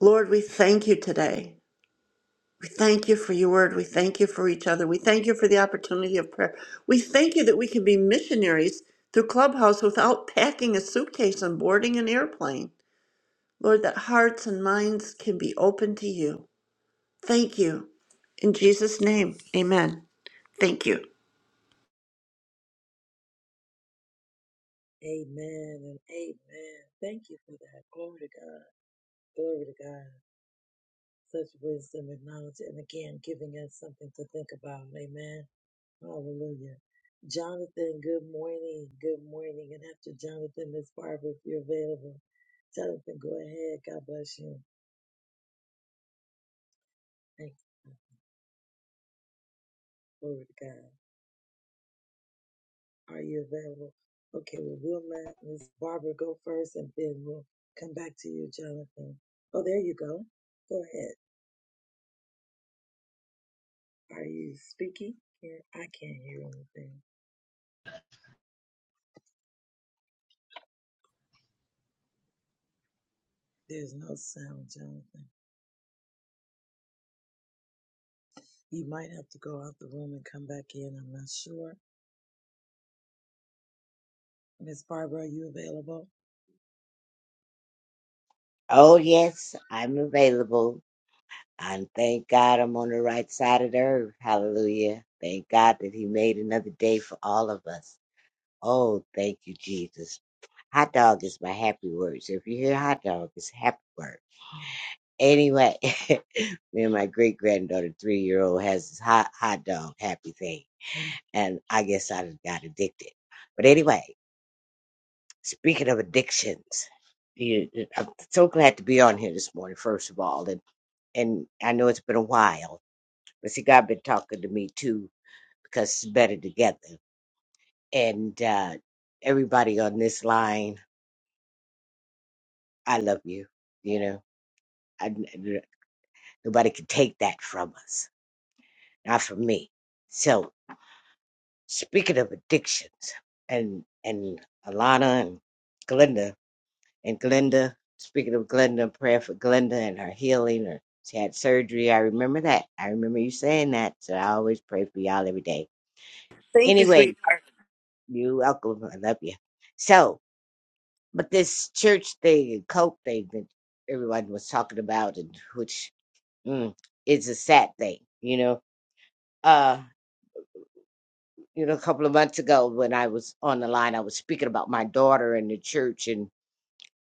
Lord, we thank you today. We thank you for your word. We thank you for each other. We thank you for the opportunity of prayer. We thank you that we can be missionaries through Clubhouse without packing a suitcase and boarding an airplane. Lord, that hearts and minds can be open to you. Thank you. In Jesus' name, amen. Thank you. Amen and amen. Thank you for that. Glory to God. Glory to God. Such wisdom and knowledge. And again, giving us something to think about. Amen. Hallelujah. Jonathan, good morning. Good morning. And after Jonathan, Miss Barbara, if you're available. Jonathan, go ahead. God bless you. Thank you. Glory to God. Are you available? Okay, well, we'll let Miss Barbara go first and then we'll come back to you, Jonathan. Oh, there you go. Go ahead. Are you speaking? Here, I can't hear anything. There's no sound, Jonathan. You might have to go out the room and come back in. I'm not sure. Miss Barbara, are you available? Oh, yes, I'm available. And thank God I'm on the right side of the earth. Hallelujah. Thank God that He made another day for all of us. Oh, thank you, Jesus. Hot dog is my happy word. So if you hear hot dog, it's a happy word. Anyway, [laughs] me and my great granddaughter, three year old, has this hot hot dog happy thing. And I guess I just got addicted. But anyway, speaking of addictions, you, I'm so glad to be on here this morning, first of all. and I know it's been a while, but see, God been talking to me too because it's better together. And uh, everybody on this line, I love you. You know, I, nobody can take that from us, not from me. So, speaking of addictions, and and Alana and Glenda and Glenda, speaking of Glenda, prayer for Glenda and her healing. Or she had surgery. I remember that. I remember you saying that. So I always pray for y'all every day. Thank you, Anyway sweetheart. You're welcome. I love you. So, but this church thing and cult thing that everyone was talking about, and which mm, is a sad thing, you know. Uh, you know, a couple of months ago when I was on the line, I was speaking about my daughter and the church and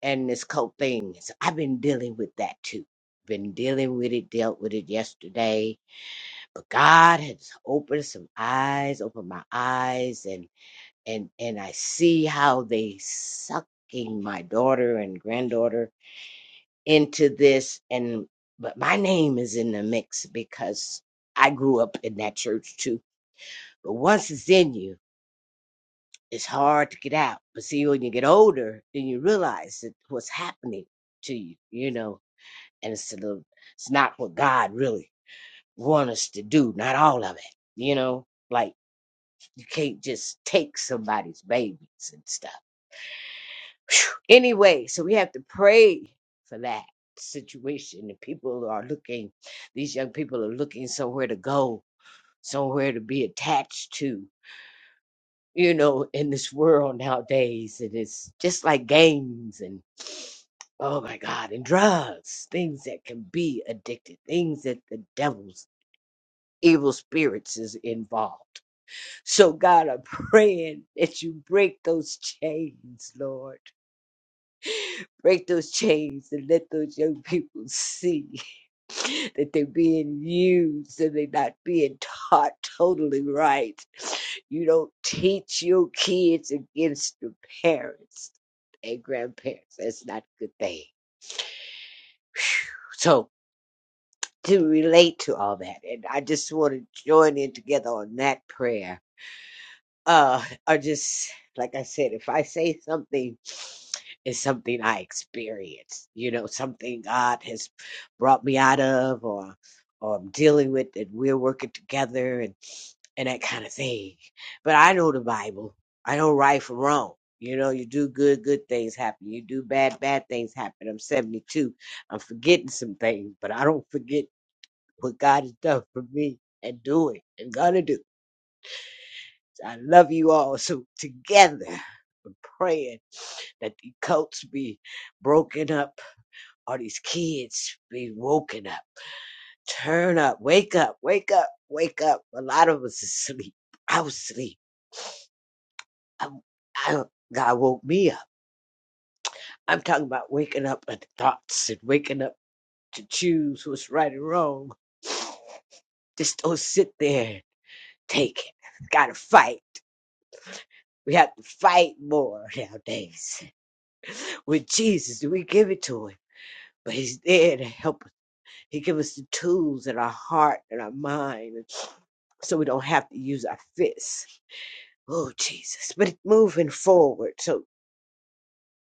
and this cult thing. So I've been dealing with that too. Been dealing with it, dealt with it yesterday. But God has opened some eyes, opened my eyes, and. and and I see how they sucking my daughter and granddaughter into this and but my name is in the mix because I grew up in that church too. But once it's in you, it's hard to get out. But see when you get older, then you realize that what's happening to you, you know, and it's a little it's not what God really wants us to do, not all of it, you know. Like you can't just take somebody's babies and stuff Phew. Anyway, so we have to pray for that situation. And people are looking, these young people are looking somewhere to go, somewhere to be attached to, you know, in this world nowadays. And it's just like games and, oh my God, and drugs, things that can be addicted, things that the devil's evil spirits is involved. So, God, I'm [laughs] praying that you break those chains, Lord. break those chains and let those young people see [laughs] that they're being used and they're not being taught totally right. You don't teach your kids against the parents and grandparents. That's not a good thing. So to relate to all that, and I just want to join in together on that prayer. Uh, I just like I said, if I say something is something I experienced, you know, something God has brought me out of or or I'm dealing with and we're working together and, and that kind of thing. But I know the Bible. I know right from wrong. You know, you do good, good things happen. You do bad, bad things happen. I'm 72. I'm forgetting some things, but I don't forget what God has done for me and doing and gonna do. So I love you all. So together, I'm praying that the cults be broken up all these kids be woken up. Turn up, wake up, wake up, wake up. A lot of us is asleep. I was asleep. I, I, God woke me up. I'm talking about waking up at thoughts and waking up to choose what's right and wrong. Just don't sit there and take it. Gotta fight. We have to fight more nowadays. With Jesus, we give it to him. But he's there to help us. He gives us the tools in our heart and our mind so we don't have to use our fists Oh Jesus. But it's moving forward. So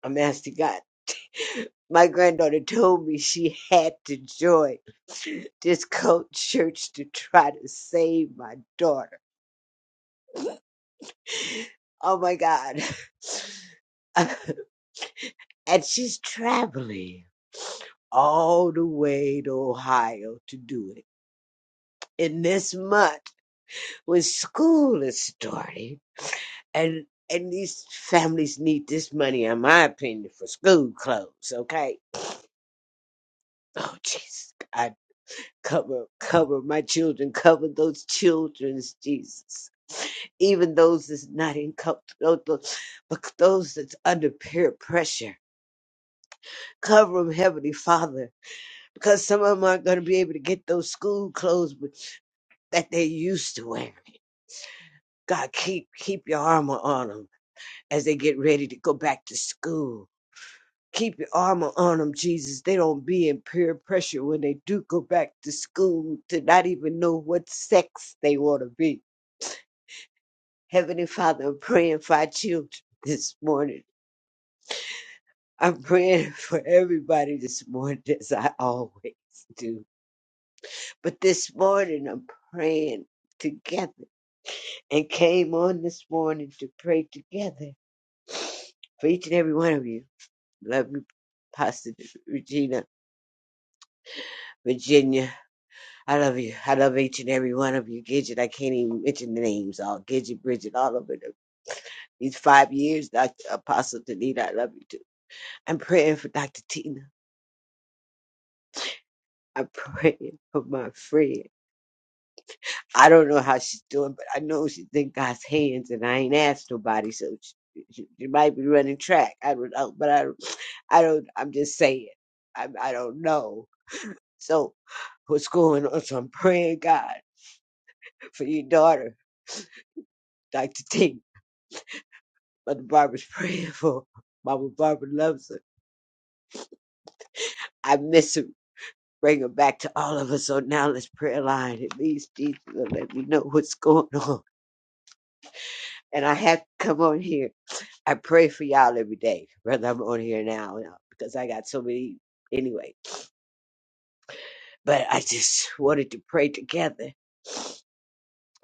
I'm asking God. My granddaughter told me she had to join this cult church to try to save my daughter. Oh my God. [laughs] and she's traveling all the way to Ohio to do it. in this month, when school is starting, and and these families need this money, in my opinion, for school clothes, okay? Oh, Jesus, God, cover, cover my children, cover those children's Jesus. Even those that's not in comfort, but those that's under peer pressure. Cover them, Heavenly Father, because some of them aren't going to be able to get those school clothes but- that they used to wear. God, keep keep your armor on them as they get ready to go back to school Keep your armor on them, Jesus. They don't be in peer pressure when they do go back to school to not even know what sex they want to be. Heavenly Father, I'm praying for our children this morning. I'm praying [laughs] for everybody this morning, as I always do. But this morning, I'm praying together and came on this morning to pray together for each and every one of you. Love you, Pastor Regina, Virginia. I love you. I love each and every one of you. Gidget, I can't even mention the names all. Gidget, Bridget, all over them. These five years, Dr. Apostle Danita, I love you too. I'm praying for Dr. Tina. I'm [laughs] praying for my friend. I don't know how she's doing, but I know she's in God's hands, and I ain't asked nobody, so she, she, she might be running track. I don't know, but I, I don't. I'm just saying. I, I don't know. So, what's going on? So I'm praying God for your daughter, Dr. Tina. Mother Barbara's [laughs] praying for. Mama Barbara loves her. I miss her. Bring her back to all of us. So now let's prayer line. It means Jesus will let me know what's going [laughs] on. And I have to come on here. I pray for y'all every day, whether I'm on here now or not, because I got so many anyway. But I just wanted to pray together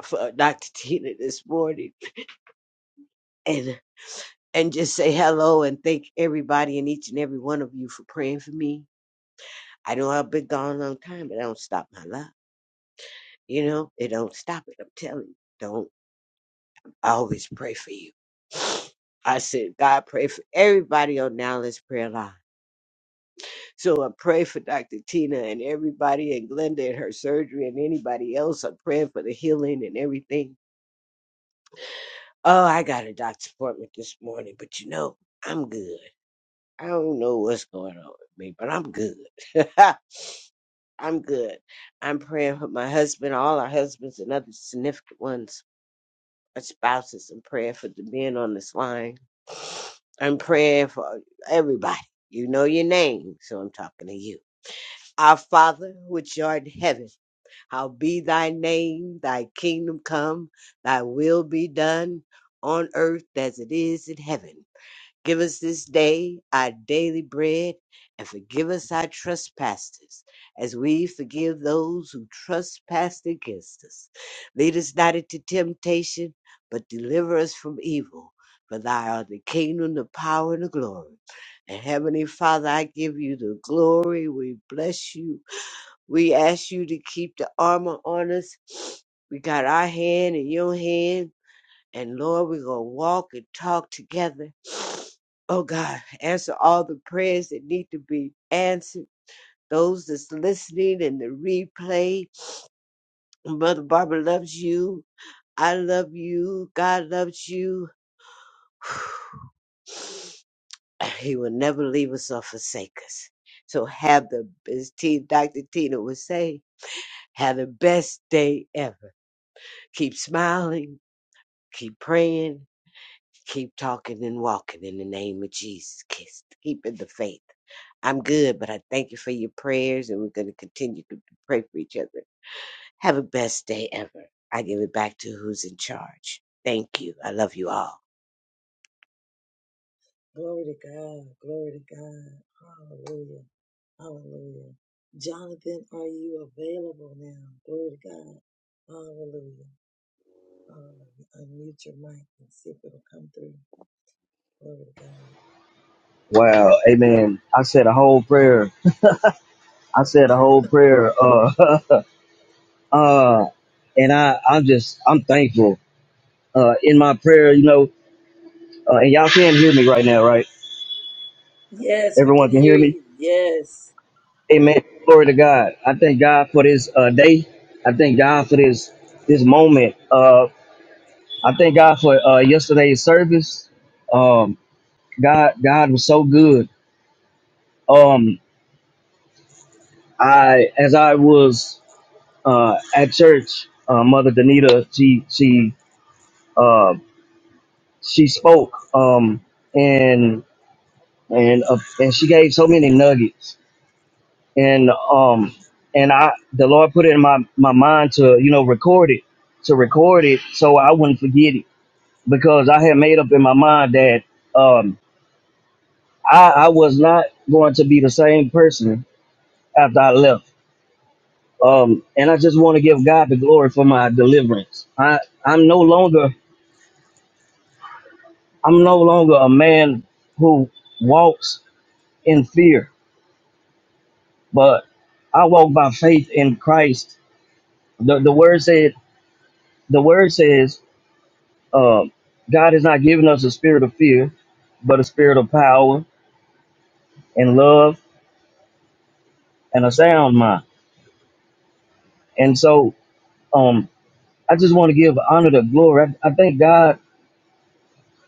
for Dr. Tina this morning and and just say hello and thank everybody and each and every one of you for praying for me. I know I've been gone a long time, but I don't stop my love. You know, it don't stop it. I'm telling you, don't I always pray for you. [sighs] I said, God, pray for everybody on Now Let's Prayer Line. So I pray for Dr. Tina and everybody and Glenda and her surgery and anybody else. I'm praying for the healing and everything. Oh, I got a doctor's appointment this morning, but you know, I'm good. I don't know what's going on with me, but I'm good. [laughs] I'm good. I'm praying for my husband, all our husbands and other significant ones. our spouses. I'm praying for the men on this line. I'm praying for everybody. You know your name, so I'm talking to you. Our Father, which art in heaven, how be thy name, thy kingdom come, thy will be done on earth as it is in heaven. Give us this day our daily bread, and forgive us our trespasses, as we forgive those who trespass against us. Lead us not into temptation, but deliver us from evil. For thy art the kingdom, the power, and the glory. And Heavenly Father, I give you the glory. We bless you. We ask you to keep the armor on us. We got our hand in your hand. And Lord, we're going to walk and talk together. [sniffs] Oh God, answer all the prayers that need to be answered. Those that's listening and the replay. Mother Barbara loves you. I love you. God loves you. [sighs] He will never leave us or forsake us. So have the, as T, Dr. Tina would say, have the best day ever. Keep smiling. Keep praying Keep talking and walking in the name of Jesus. Kiss, keeping the faith. I'm good, but I thank you for your prayers, and we're going to continue to pray for each other. Have a best day ever. I give it back to who's in charge. Thank you. I love you all. Glory to God. Glory to God. Hallelujah. Hallelujah. Jonathan, are you available now? Glory to God. Hallelujah. Hallelujah. Unmute your mic and see if it'll come through. Glory to God. Wow, amen. I said a whole prayer. I said a whole prayer. Uh, [laughs] uh, and I, I'm just, I'm thankful. Uh, in my prayer, you know, uh, and y'all can hear me right now, right? Yes, we Everyone can can hear hear me. you. Yes. Amen. Glory to God. I thank God for this uh, day. I thank God for this this moment. Uh, I thank God for uh, yesterday's service. Um, God, God was so good. Um, I, as I was uh, at church, uh, Mother Danita, she she uh, she spoke um, and and uh, and she gave so many nuggets and um and I the Lord put it in my my mind to you know record it to record it so I wouldn't forget it because I had made up in my mind that um, I I was not going to be the same person after I left. Um, and I just want to give God the glory for my deliverance. I I'm no longer I'm no longer a man who walks in fear, but I walk by faith in Christ. The, the word said, the word says, uh, God has not given us a spirit of fear, but a spirit of power and love and a sound mind. And so, um, I just want to give honor to glory. I, I thank God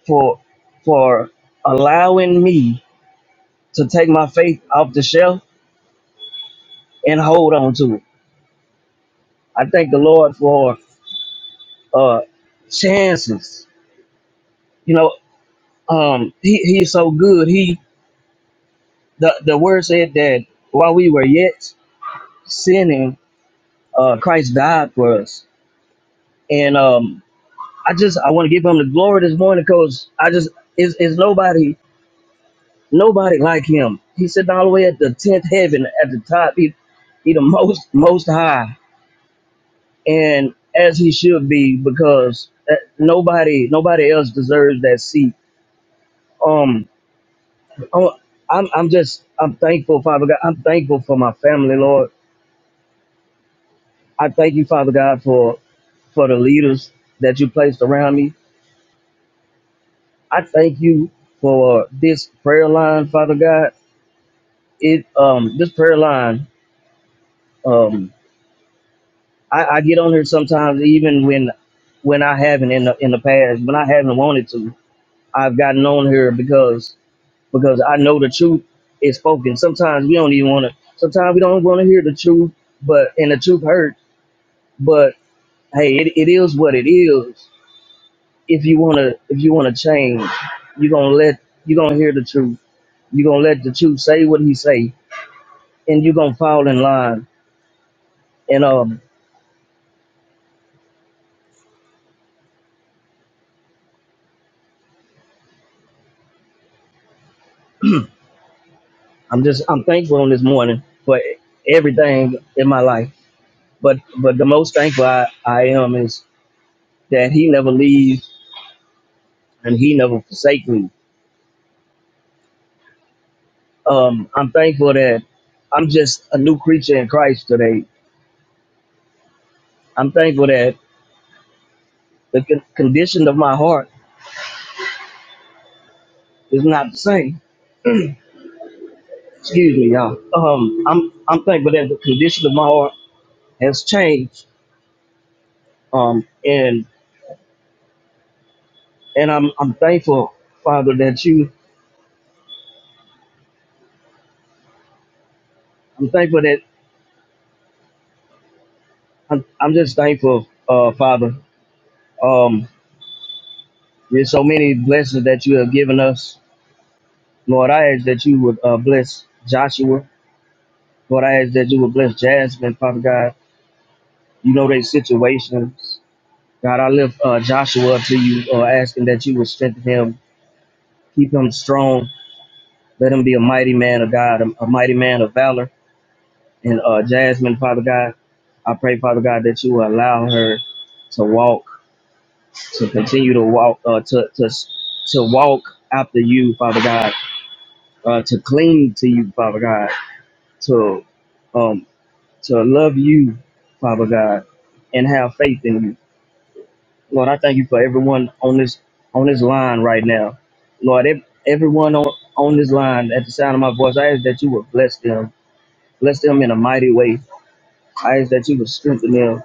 for for allowing me to take my faith off the shelf and hold on to it. I thank the Lord for uh chances. You know, um he, he's so good. He the, the word said that while we were yet sinning, uh Christ died for us. And um I just I want to give him the glory this morning because I just is is nobody nobody like him. He's sitting all the way at the tenth heaven at the top. He he the most most high and as he should be because uh, nobody nobody else deserves that seat. Um Oh, I'm I'm just I'm thankful, Father God. I'm thankful for my family, Lord. I thank you, Father God, for for the leaders that you placed around me. I thank you for this prayer line, Father God. It um this prayer line um I, I get on here sometimes even when when I haven't in the in the past when I haven't wanted to. I've gotten on here because because I know the truth is spoken. Sometimes we don't even want to. Sometimes we don't want to hear the truth, but and the truth hurts. hey, it, it is what it is. If you wanna if you wanna change, you gonna let you gonna hear the truth. You gonna let the truth say what he say, and you gonna fall in line. And um, I'm just I'm thankful on this morning for everything in my life. But but the most thankful I, I am is that he never leaves and he never forsake me. Um, I'm thankful that I'm just a new creature in Christ today. I'm thankful that the con- condition of my heart is not the same Excuse me, y'all. Um, I'm I'm thankful that the condition of my heart has changed. Um, and and I'm I'm thankful, Father, that you. I'm thankful that I'm I'm just thankful, uh, Father. Um, there's so many blessings that you have given us, Lord. I ask that you would uh, bless Joshua. Lord, I ask that you would bless Jasmine, Father God. You know their situations. God, I lift uh, Joshua to you, uh, asking that you would strengthen him, keep him strong, Let him be a mighty man of God, a, a mighty man of valor. And uh, Jasmine, Father God, I pray, Father God, that you will allow her to walk, to continue to walk, uh, to, to to walk after you, Father God, uh, to cling to you, Father God, to um, to love you, Father God, and have faith in you. Lord, I thank you for everyone on this on this line right now. Lord, ev- everyone on, on this line at the sound of my voice, I ask that you would bless them Bless them in a mighty way. I ask that you would strengthen them.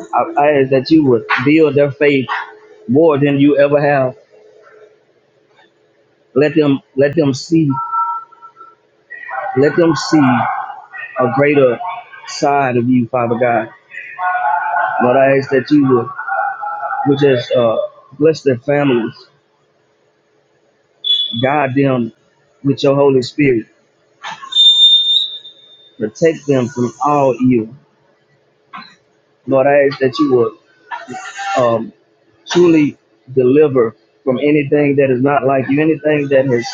I, I ask that you would build their faith more than you ever have. Let them let them see let them see a greater side of you, Father God. Lord, I ask that you would, would just uh, bless their families, guide them with your Holy Spirit, protect them from all evil. Lord, I ask that you would um, truly deliver from anything that is not like you, anything that has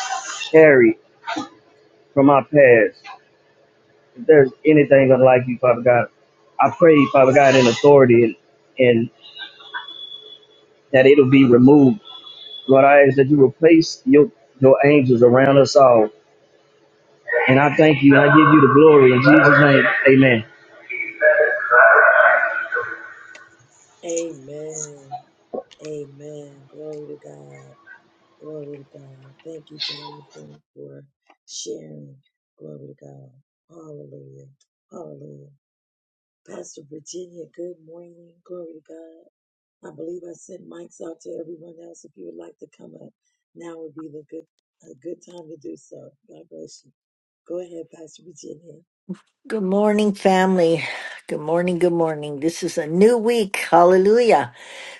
carried from my past. If there's anything unlike you, Father God, I pray, Father God, in authority and, and that it'll be removed. Lord, I ask that you replace your your angels around us all. And I thank you. I give you the glory in Jesus' name. Amen. Amen. Amen. Glory to God. Glory to God. Thank you, Jonathan, for sharing. Glory to God. Hallelujah. Hallelujah. Pastor Virginia, good morning. Glory to God. I believe I sent mics out to everyone else. If you would like to come up, now would be the good a good time to do so. God bless you. Go ahead, Pastor Virginia. Good morning, family. Good morning. Good morning. This is a new week. Hallelujah.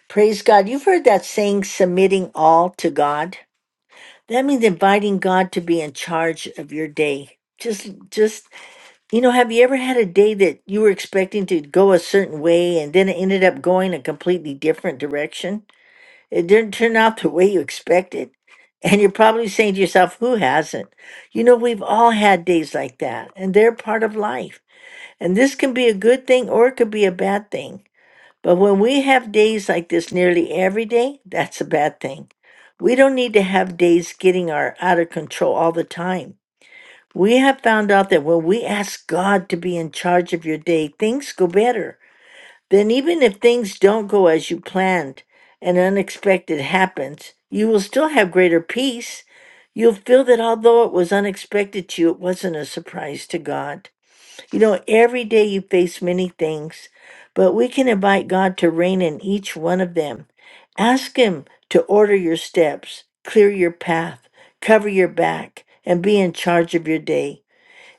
Praise God. You've heard that saying, submitting all to God. That means inviting God to be in charge of your day. Just, just, you know, have you ever had a day that you were expecting to go a certain way and then it ended up going a completely different direction? It didn't turn out the way you expected. And you're probably saying to yourself, who hasn't? You know, we've all had days like that, and they're part of life. And this can be a good thing or it could be a bad thing. But when we have days like this nearly every day, that's a bad thing. We don't need to have days getting our out of control all the time. We have found out that when we ask God to be in charge of your day, things go better. Then even if things don't go as you planned and unexpected happens, you will still have greater peace. You'll feel that although it was unexpected to you, it wasn't a surprise to God. You know, every day you face many things, but we can invite God to reign in each one of them. Ask Him to order your steps, clear your path, cover your back, and be in charge of your day.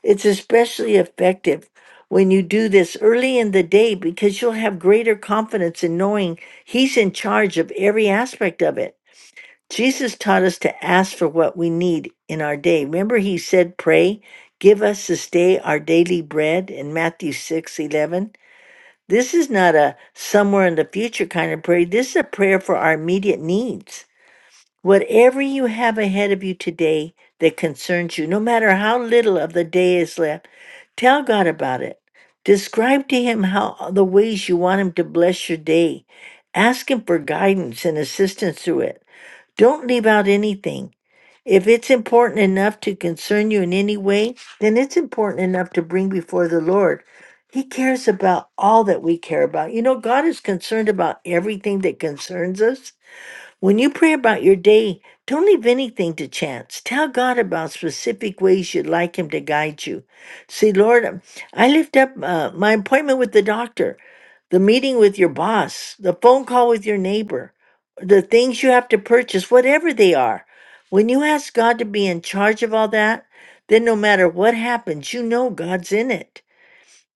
It's especially effective when you do this early in the day because you'll have greater confidence in knowing He's in charge of every aspect of it. Jesus taught us to ask for what we need in our day. Remember, he said, Pray, give us this day our daily bread in Matthew 6 11, This is not a somewhere in the future kind of prayer. This is a prayer for our immediate needs. Whatever you have ahead of you today that concerns you, no matter how little of the day is left, tell God about it. Describe to Him how uh, the ways you want Him to bless your day. Ask Him for guidance and assistance through it. Don't leave out anything. If it's important enough to concern you in any way, then it's important enough to bring before the Lord. He cares about all that we care about. You know, God is concerned about everything that concerns us. When you pray about your day, don't leave anything to chance. Tell God about specific ways you'd like Him to guide you. See, Lord, I lift up uh, my appointment with the doctor the meeting with your boss, the phone call with your neighbor, the things you have to purchase, whatever they are. When you ask God to be in charge of all that, then no matter what happens, you know God's in it.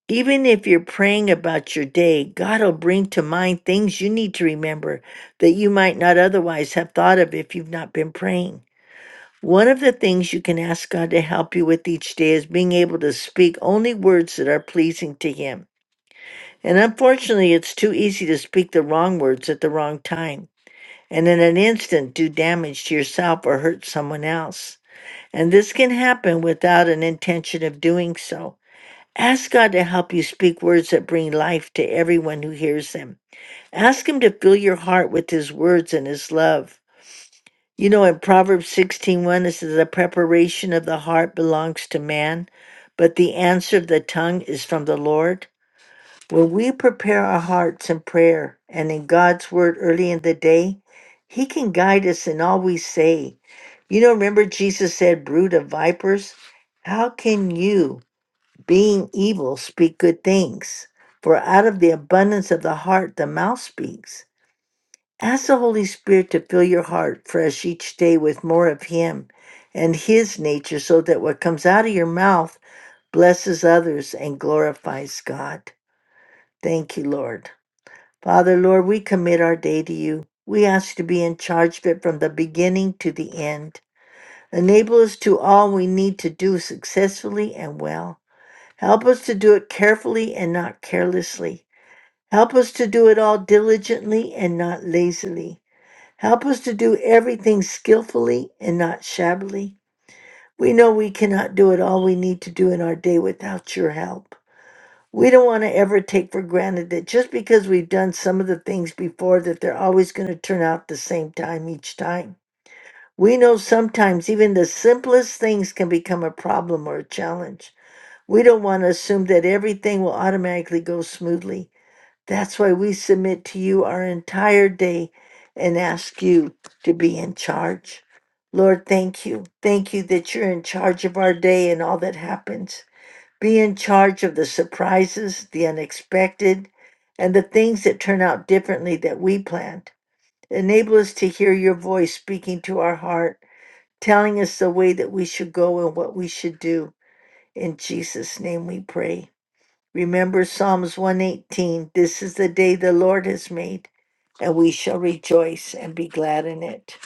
Even if you're praying about your day, God will bring to mind things you need to remember that you might not otherwise have thought of if you've not been praying. One of the things you can ask God to help you with each day is being able to speak only words that are pleasing to Him. And unfortunately, it's too easy to speak the wrong words at the wrong time and in an instant do damage to yourself or hurt someone else. And this can happen without an intention of doing so. Ask God to help you speak words that bring life to everyone who hears them. Ask Him to fill your heart with His words and His love. You know, in Proverbs 16:1, it says, The preparation of the heart belongs to man, but the answer of the tongue is from the Lord. When we prepare our hearts in prayer and in God's word early in the day, He can guide us in all we say. You know, remember Jesus said, Brood of vipers, how can you, being evil, speak good things? For out of the abundance of the heart, the mouth speaks. Ask the Holy Spirit to fill your heart fresh each day with more of Him and His nature so that what comes out of your mouth blesses others and glorifies God. Thank you, Lord. Father, Lord, we commit our day to you. We ask you to be in charge of it from the beginning to the end. Enable us to all we need to do successfully and well. Help us to do it carefully and not carelessly. Help us to do it all diligently and not lazily. Help us to do everything skillfully and not shabbily. We know we cannot do it all we need to do in our day without your help we don't want to ever take for granted that just because we've done some of the things before that they're always going to turn out the same time each time we know sometimes even the simplest things can become a problem or a challenge we don't want to assume that everything will automatically go smoothly that's why we submit to you our entire day and ask you to be in charge lord thank you thank you that you're in charge of our day and all that happens be in charge of the surprises, the unexpected, and the things that turn out differently that we planned. Enable us to hear your voice speaking to our heart, telling us the way that we should go and what we should do. In Jesus' name we pray. Remember Psalms 118 This is the day the Lord has made, and we shall rejoice and be glad in it.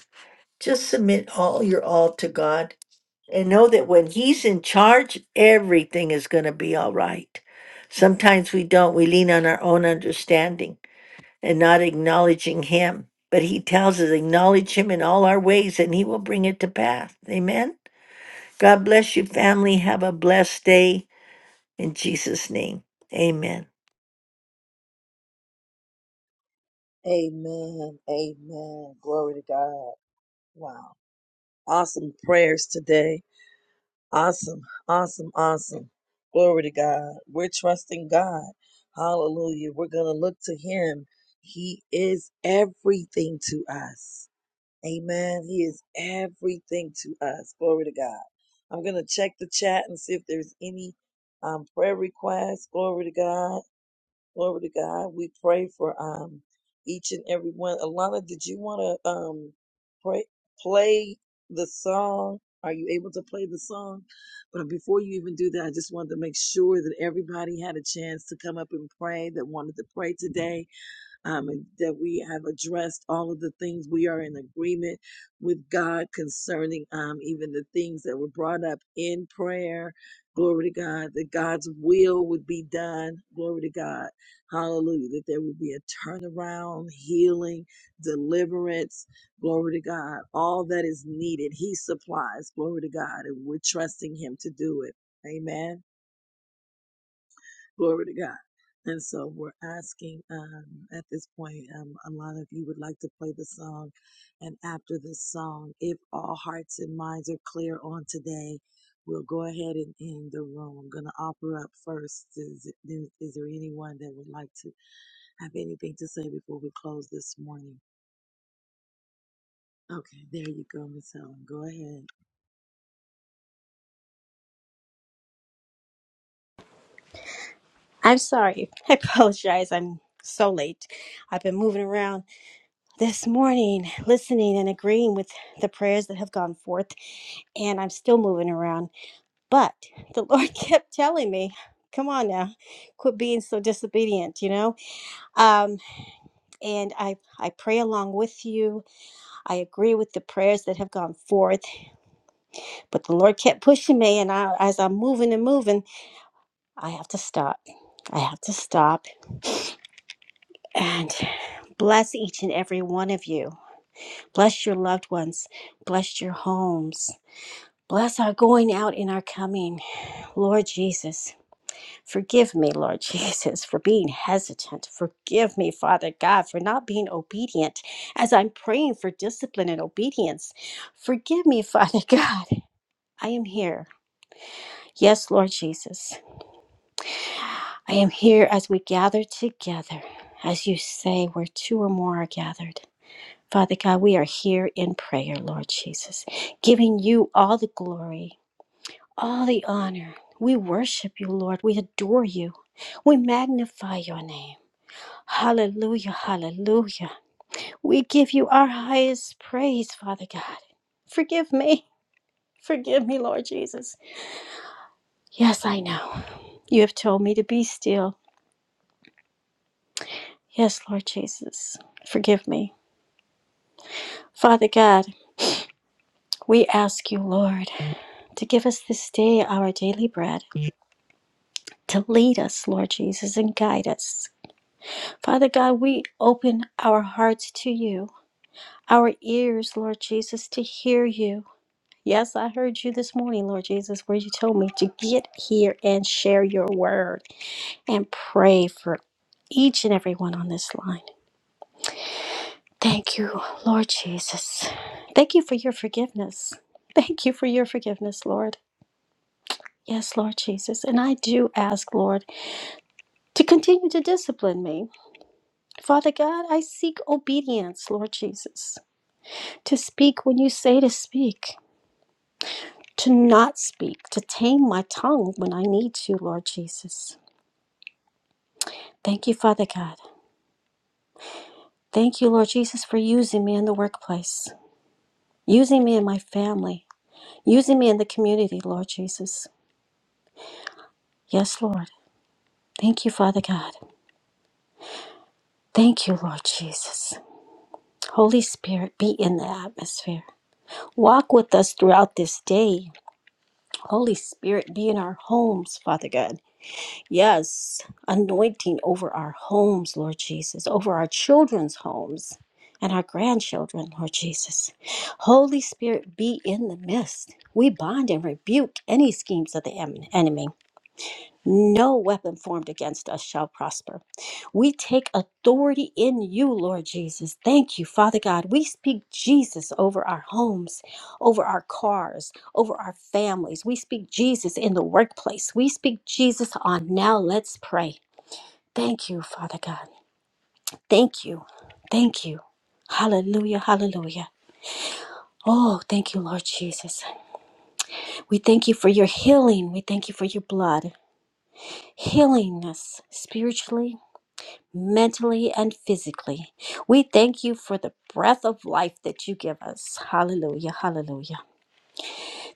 Just submit all your all to God and know that when he's in charge, everything is going to be all right. Sometimes we don't, we lean on our own understanding and not acknowledging him. But he tells us, acknowledge him in all our ways and he will bring it to pass. Amen. God bless you, family. Have a blessed day in Jesus' name. Amen. Amen. Amen. Glory to God. Wow. Awesome prayers today. Awesome. Awesome. Awesome. Glory to God. We're trusting God. Hallelujah. We're going to look to Him. He is everything to us. Amen. He is everything to us. Glory to God. I'm going to check the chat and see if there's any um, prayer requests. Glory to God. Glory to God. We pray for um, each and every one. Alana, did you want to um, pray, play the song? Are you able to play the song? But before you even do that, I just wanted to make sure that everybody had a chance to come up and pray that wanted to pray today um, and that we have addressed all of the things we are in agreement with God concerning, um, even the things that were brought up in prayer. Glory to God, that God's will would be done. Glory to God. Hallelujah. That there would be a turnaround, healing, deliverance. Glory to God. All that is needed, He supplies. Glory to God. And we're trusting Him to do it. Amen. Glory to God. And so we're asking um, at this point, um, a lot of you would like to play the song. And after this song, if all hearts and minds are clear on today, we'll go ahead and end the room. I'm going to offer up first. Is, is, is there anyone that would like to have anything to say before we close this morning? Okay, there you go, Miss Helen. Go ahead. I'm sorry. [laughs] I apologize. I'm so late. I've been moving around this morning, listening and agreeing with the prayers that have gone forth, and I'm still moving around. But the [laughs] Lord kept telling me, "Come on now, quit being so disobedient," you know. Um, and I I pray along with you. I agree with the prayers that have gone forth, but the Lord kept pushing me, and I, as I'm moving and moving, I have to stop. I have to stop and bless each and every one of you. Bless your loved ones. Bless your homes. Bless our going out and our coming. Lord Jesus, forgive me, Lord [laughs] Jesus, for being hesitant. Forgive me, Father God, for not being obedient as I'm praying for discipline and obedience. Forgive me, [laughs] Father God. I am here. Yes, Lord Jesus. I am here as we gather together. As you say, where two or more are gathered. Father God, we are here in prayer, Lord Jesus, giving you all the glory, all the honor. We worship you, Lord. We adore you. We magnify your name. Hallelujah, hallelujah. We give you our highest praise, Father God. Forgive me. [laughs] Forgive me, Lord Jesus. Yes, I know. You have told me to be still. Yes, Lord Jesus. Forgive me. Father God, we ask you, Lord, to give us this day our daily bread. to lead us, Lord Jesus, and guide us. Father God, we open our hearts to you, our ears, Lord Jesus, to hear you. Yes, I heard you this morning, Lord Jesus, where you told me to get here and share your word and pray for each and every one on this line. Thank you, Lord Jesus. Thank you for your forgiveness. Thank you for your forgiveness, Lord. Yes, Lord Jesus. And I do ask, Lord, to continue to discipline me Father God, I seek obedience, Lord Jesus, to speak when you say to speak, to not speak, to tame my tongue when I need to, Lord Jesus. Thank you, Father God. Thank you, Lord Jesus, for using me in the workplace, using me in my family, using me in the community, Lord Jesus. Yes, Lord. Thank you, Father God. Thank you, Lord Jesus. Holy Spirit, be in the atmosphere. Walk with us throughout this day. Holy Spirit, be in our homes, Father God. Yes, anointing over our homes, Lord Jesus, over our children's homes and our grandchildren, Lord Jesus. Holy Spirit, be in the midst. We bind and rebuke any schemes of the em- enemy. No weapon formed against us shall prosper. We take authority in you, Lord Jesus. Thank you, Father God. We speak Jesus over our homes, over our cars, over our families. We speak Jesus in the workplace. We speak Jesus on now. Let's pray. Thank you, Father God. Thank you. Thank you. Hallelujah. Hallelujah. Oh, thank you, Lord Jesus. We thank you for your healing. We thank you for your blood healing us spiritually, mentally and physically. We thank you for the breath of life that you give us. Hallelujah, hallelujah.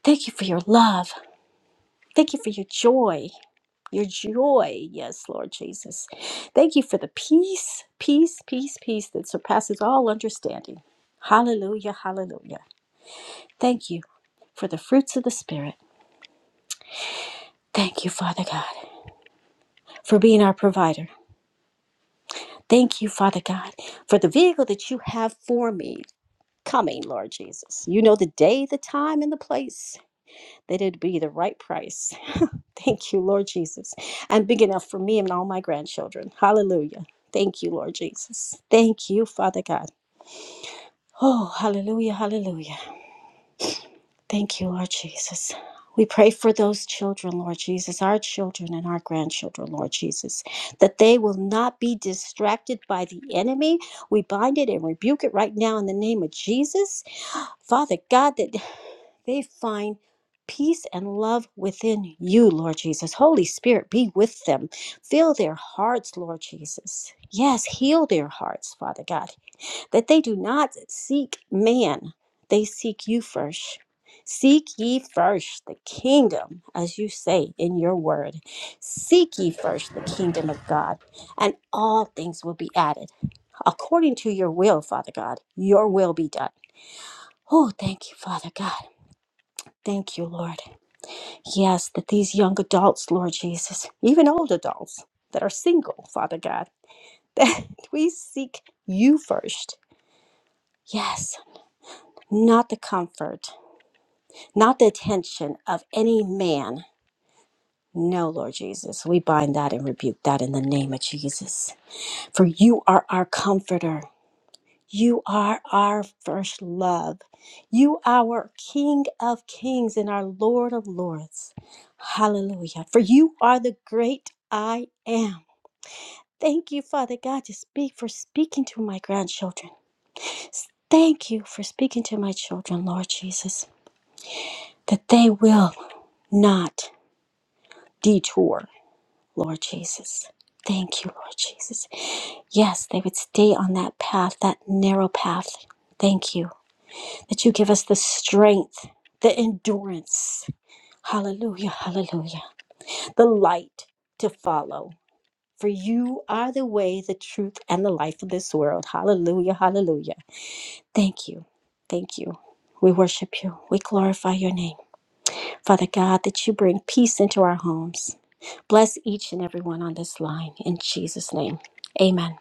Thank you for your love. Thank you for your joy. Your joy, yes, Lord Jesus. Thank you for the peace, peace, peace, peace that surpasses all understanding. Hallelujah, hallelujah. Thank you for the fruits of the Spirit. Thank you, Father God, for being our provider. Thank you, Father God, for the vehicle that you have for me. coming, Lord Jesus. You know the day, the time, and the place that it'd be the right price. [laughs] Thank you, Lord Jesus. And big enough for me and all my grandchildren. Hallelujah. Thank you, Lord Jesus. Thank you, Father God. Oh, hallelujah, hallelujah. Thank you, Lord Jesus. We pray for those children, Lord Jesus, our children and our grandchildren, Lord Jesus, that they will not be distracted by the enemy. We bind it and rebuke it right now in the name of Jesus. [gasps] Father God, that they find peace and love within you, Lord Jesus. Holy Spirit, be with them. Fill their hearts, Lord Jesus. Yes, heal their hearts, Father God, that they do not seek man, they seek you first. Seek ye first the kingdom, as you say in your word. Seek ye first the kingdom of God, and all things will be added. According to your will, Father God, your will be done. Oh, thank you, Father God. Thank you, Lord. Yes, that these young adults, Lord Jesus, even old adults that are single, Father God, [laughs] that we seek you first. Yes, not the comfort, not the attention of any man. No, Lord Jesus, we bind that and rebuke that in the name of Jesus. For you are our comforter. You are our first love. You are King of kings and our Lord of lords. Hallelujah. For you are the great I am. Thank you, Father God, to speak for speaking to my grandchildren. Thank you for speaking to my children, Lord Jesus, that they will not detour, Lord Jesus. Thank you, Lord Jesus. Yes, they would stay on that path, that narrow path. Thank you that you give us the strength, the endurance. Hallelujah, hallelujah. The light to follow. For you are the way, the truth, and the life of this world. Hallelujah, hallelujah. Thank you. Thank you. We worship you. We glorify your name. Father God, that you bring peace into our homes. Bless each and every one on this line in Jesus' name. Amen.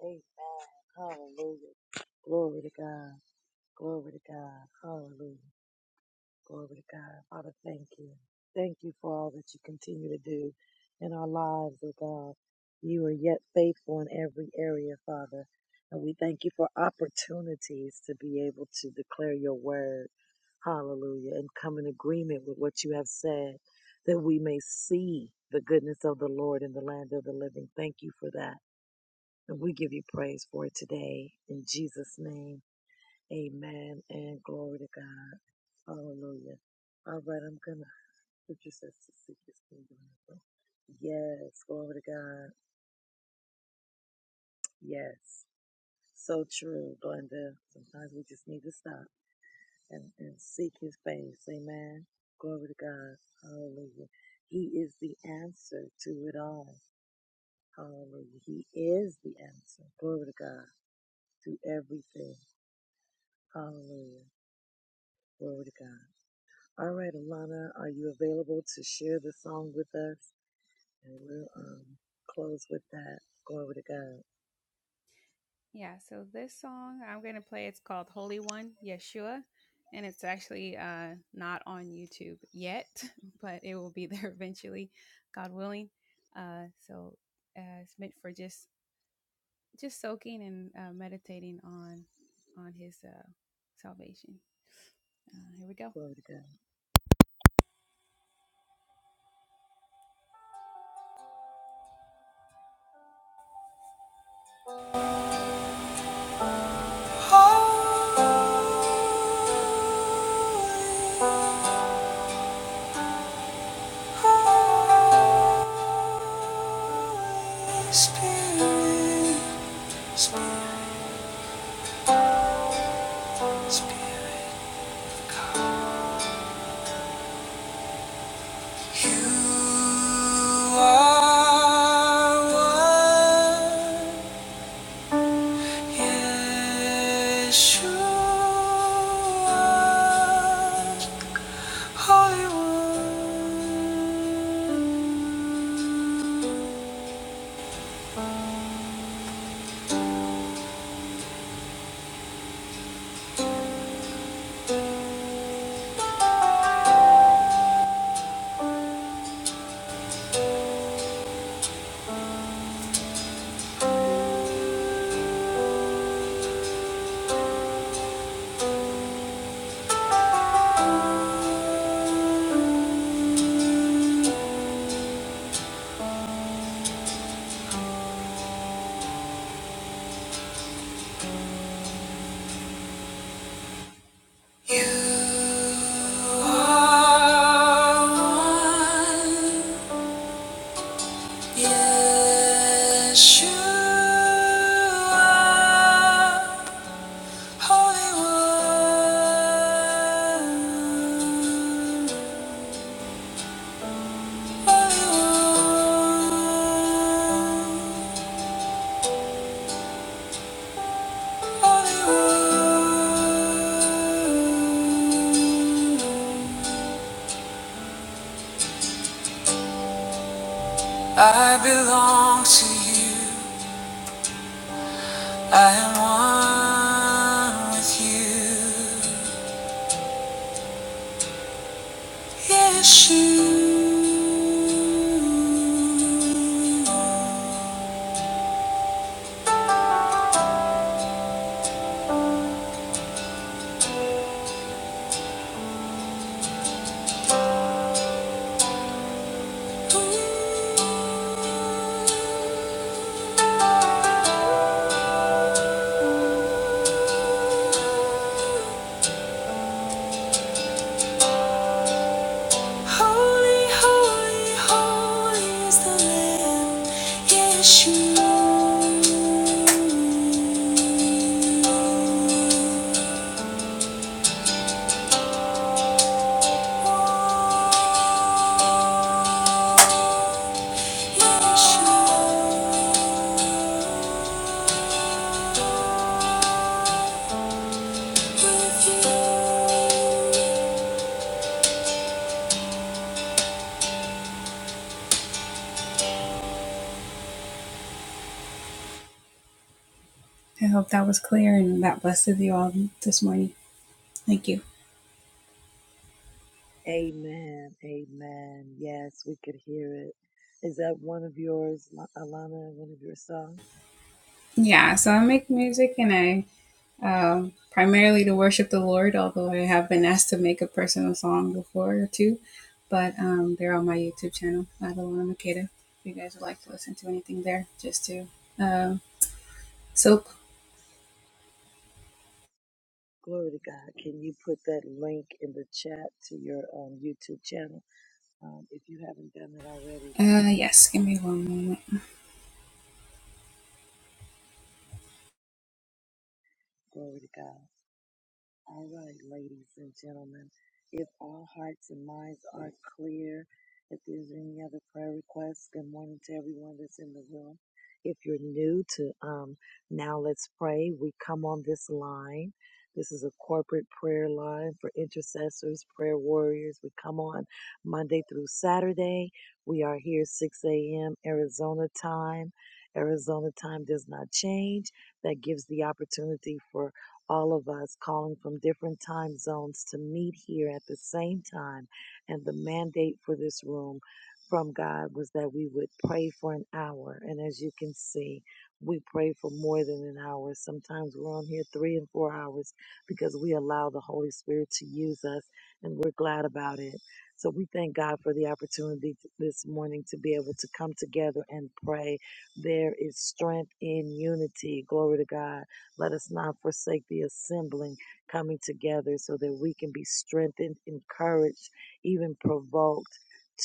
Amen. Hallelujah. Glory to God. Glory to God. Hallelujah. Glory to God. Father, thank you. Thank you for all that you continue to do in our lives, oh God. You are yet faithful in every area, Father. And we thank you for opportunities to be able to declare your word. Hallelujah. And come in agreement with what you have said that we may see the goodness of the Lord in the land of the living. Thank you for that. And we give you praise for it today. In Jesus' name, amen and glory to God. Hallelujah. All right, I'm gonna Scripture says to seek his kingdom. Yes, glory to God. Yes. So true, Glenda. Sometimes we just need to stop and, and seek his face. Amen. Glory to God. Hallelujah. He is the answer to it all. Hallelujah. He is the answer. Glory to God. To everything. Hallelujah. Glory to God. All right, Alana, are you available to share the song with us? And we'll um, close with that. Glory to God. Glory to God. spirit, Spirit, Spirit, you are one. Yeshua, Holy One. You are one, Yeshua, Holy One, Holy One, Holy One. I belong to you. I am one with you. Yes, you. Holy, holy, holy is the Lamb. Yes, you. Yes, you. With you. Amen. Amen. Yes, we could hear it. Is that one of yours, La- Alana, one of your songs? Glory to God. Can you put that link in the chat to your um, YouTube channel um, if you haven't done it already? Um, glory to God. All right, ladies and gentlemen, if all hearts and minds are clear, if there's any other prayer requests, good morning to everyone that's in the room. If you're new to um, Now Let's Pray, we come on this line. This is a corporate prayer line for intercessors, prayer warriors. We come on Monday through Saturday. We are here 6 a.m. Arizona time. Arizona time does not change. That gives the opportunity for all of us calling from different time zones to meet here at the same time. And the mandate for this room from God was that we would pray for an hour. And as you can see, we pray for more than an hour. Sometimes we're on here three and four hours because we allow the Holy Spirit to use us, and we're glad about it. So we thank God for the opportunity t- this morning to be able to come together and pray. There is strength in unity. Glory to God. Let us not forsake the assembling, coming together so that we can be strengthened, encouraged, even provoked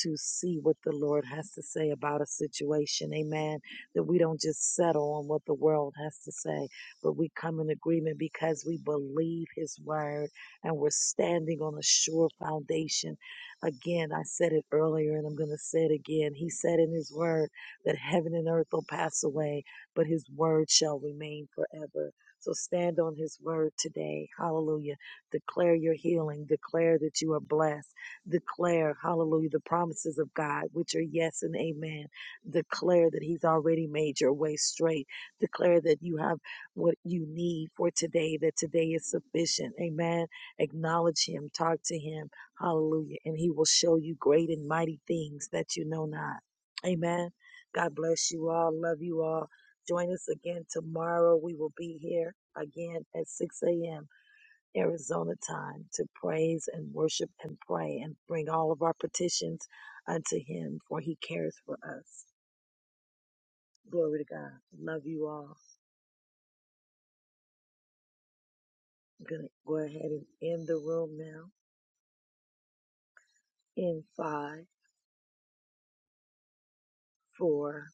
to see what the Lord has to say about a situation. Amen. That we don't just settle on what the world has to say, but we come in agreement because we believe His word and we're standing on a sure foundation. Again, I said it earlier and I'm going to say it again. He said in His word that heaven and earth will pass away, but His word shall remain forever. So stand on his word today. Hallelujah. Declare your healing. Declare that you are blessed. Declare, hallelujah, the promises of God, which are yes and amen. Declare that he's already made your way straight. Declare that you have what you need for today, that today is sufficient. Amen. Acknowledge him. Talk to him. Hallelujah. And he will show you great and mighty things that you know not. Amen. God bless you all. Love you all. Join us again tomorrow. We will be here again at 6 a.m. Arizona time to praise and worship and pray and bring all of our petitions unto Him, for He cares for us. Glory to God. Love you all. I'm going to go ahead and end the room now in five, four,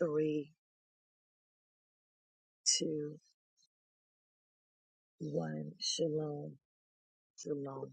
three, two, one. Shalom. Shalom.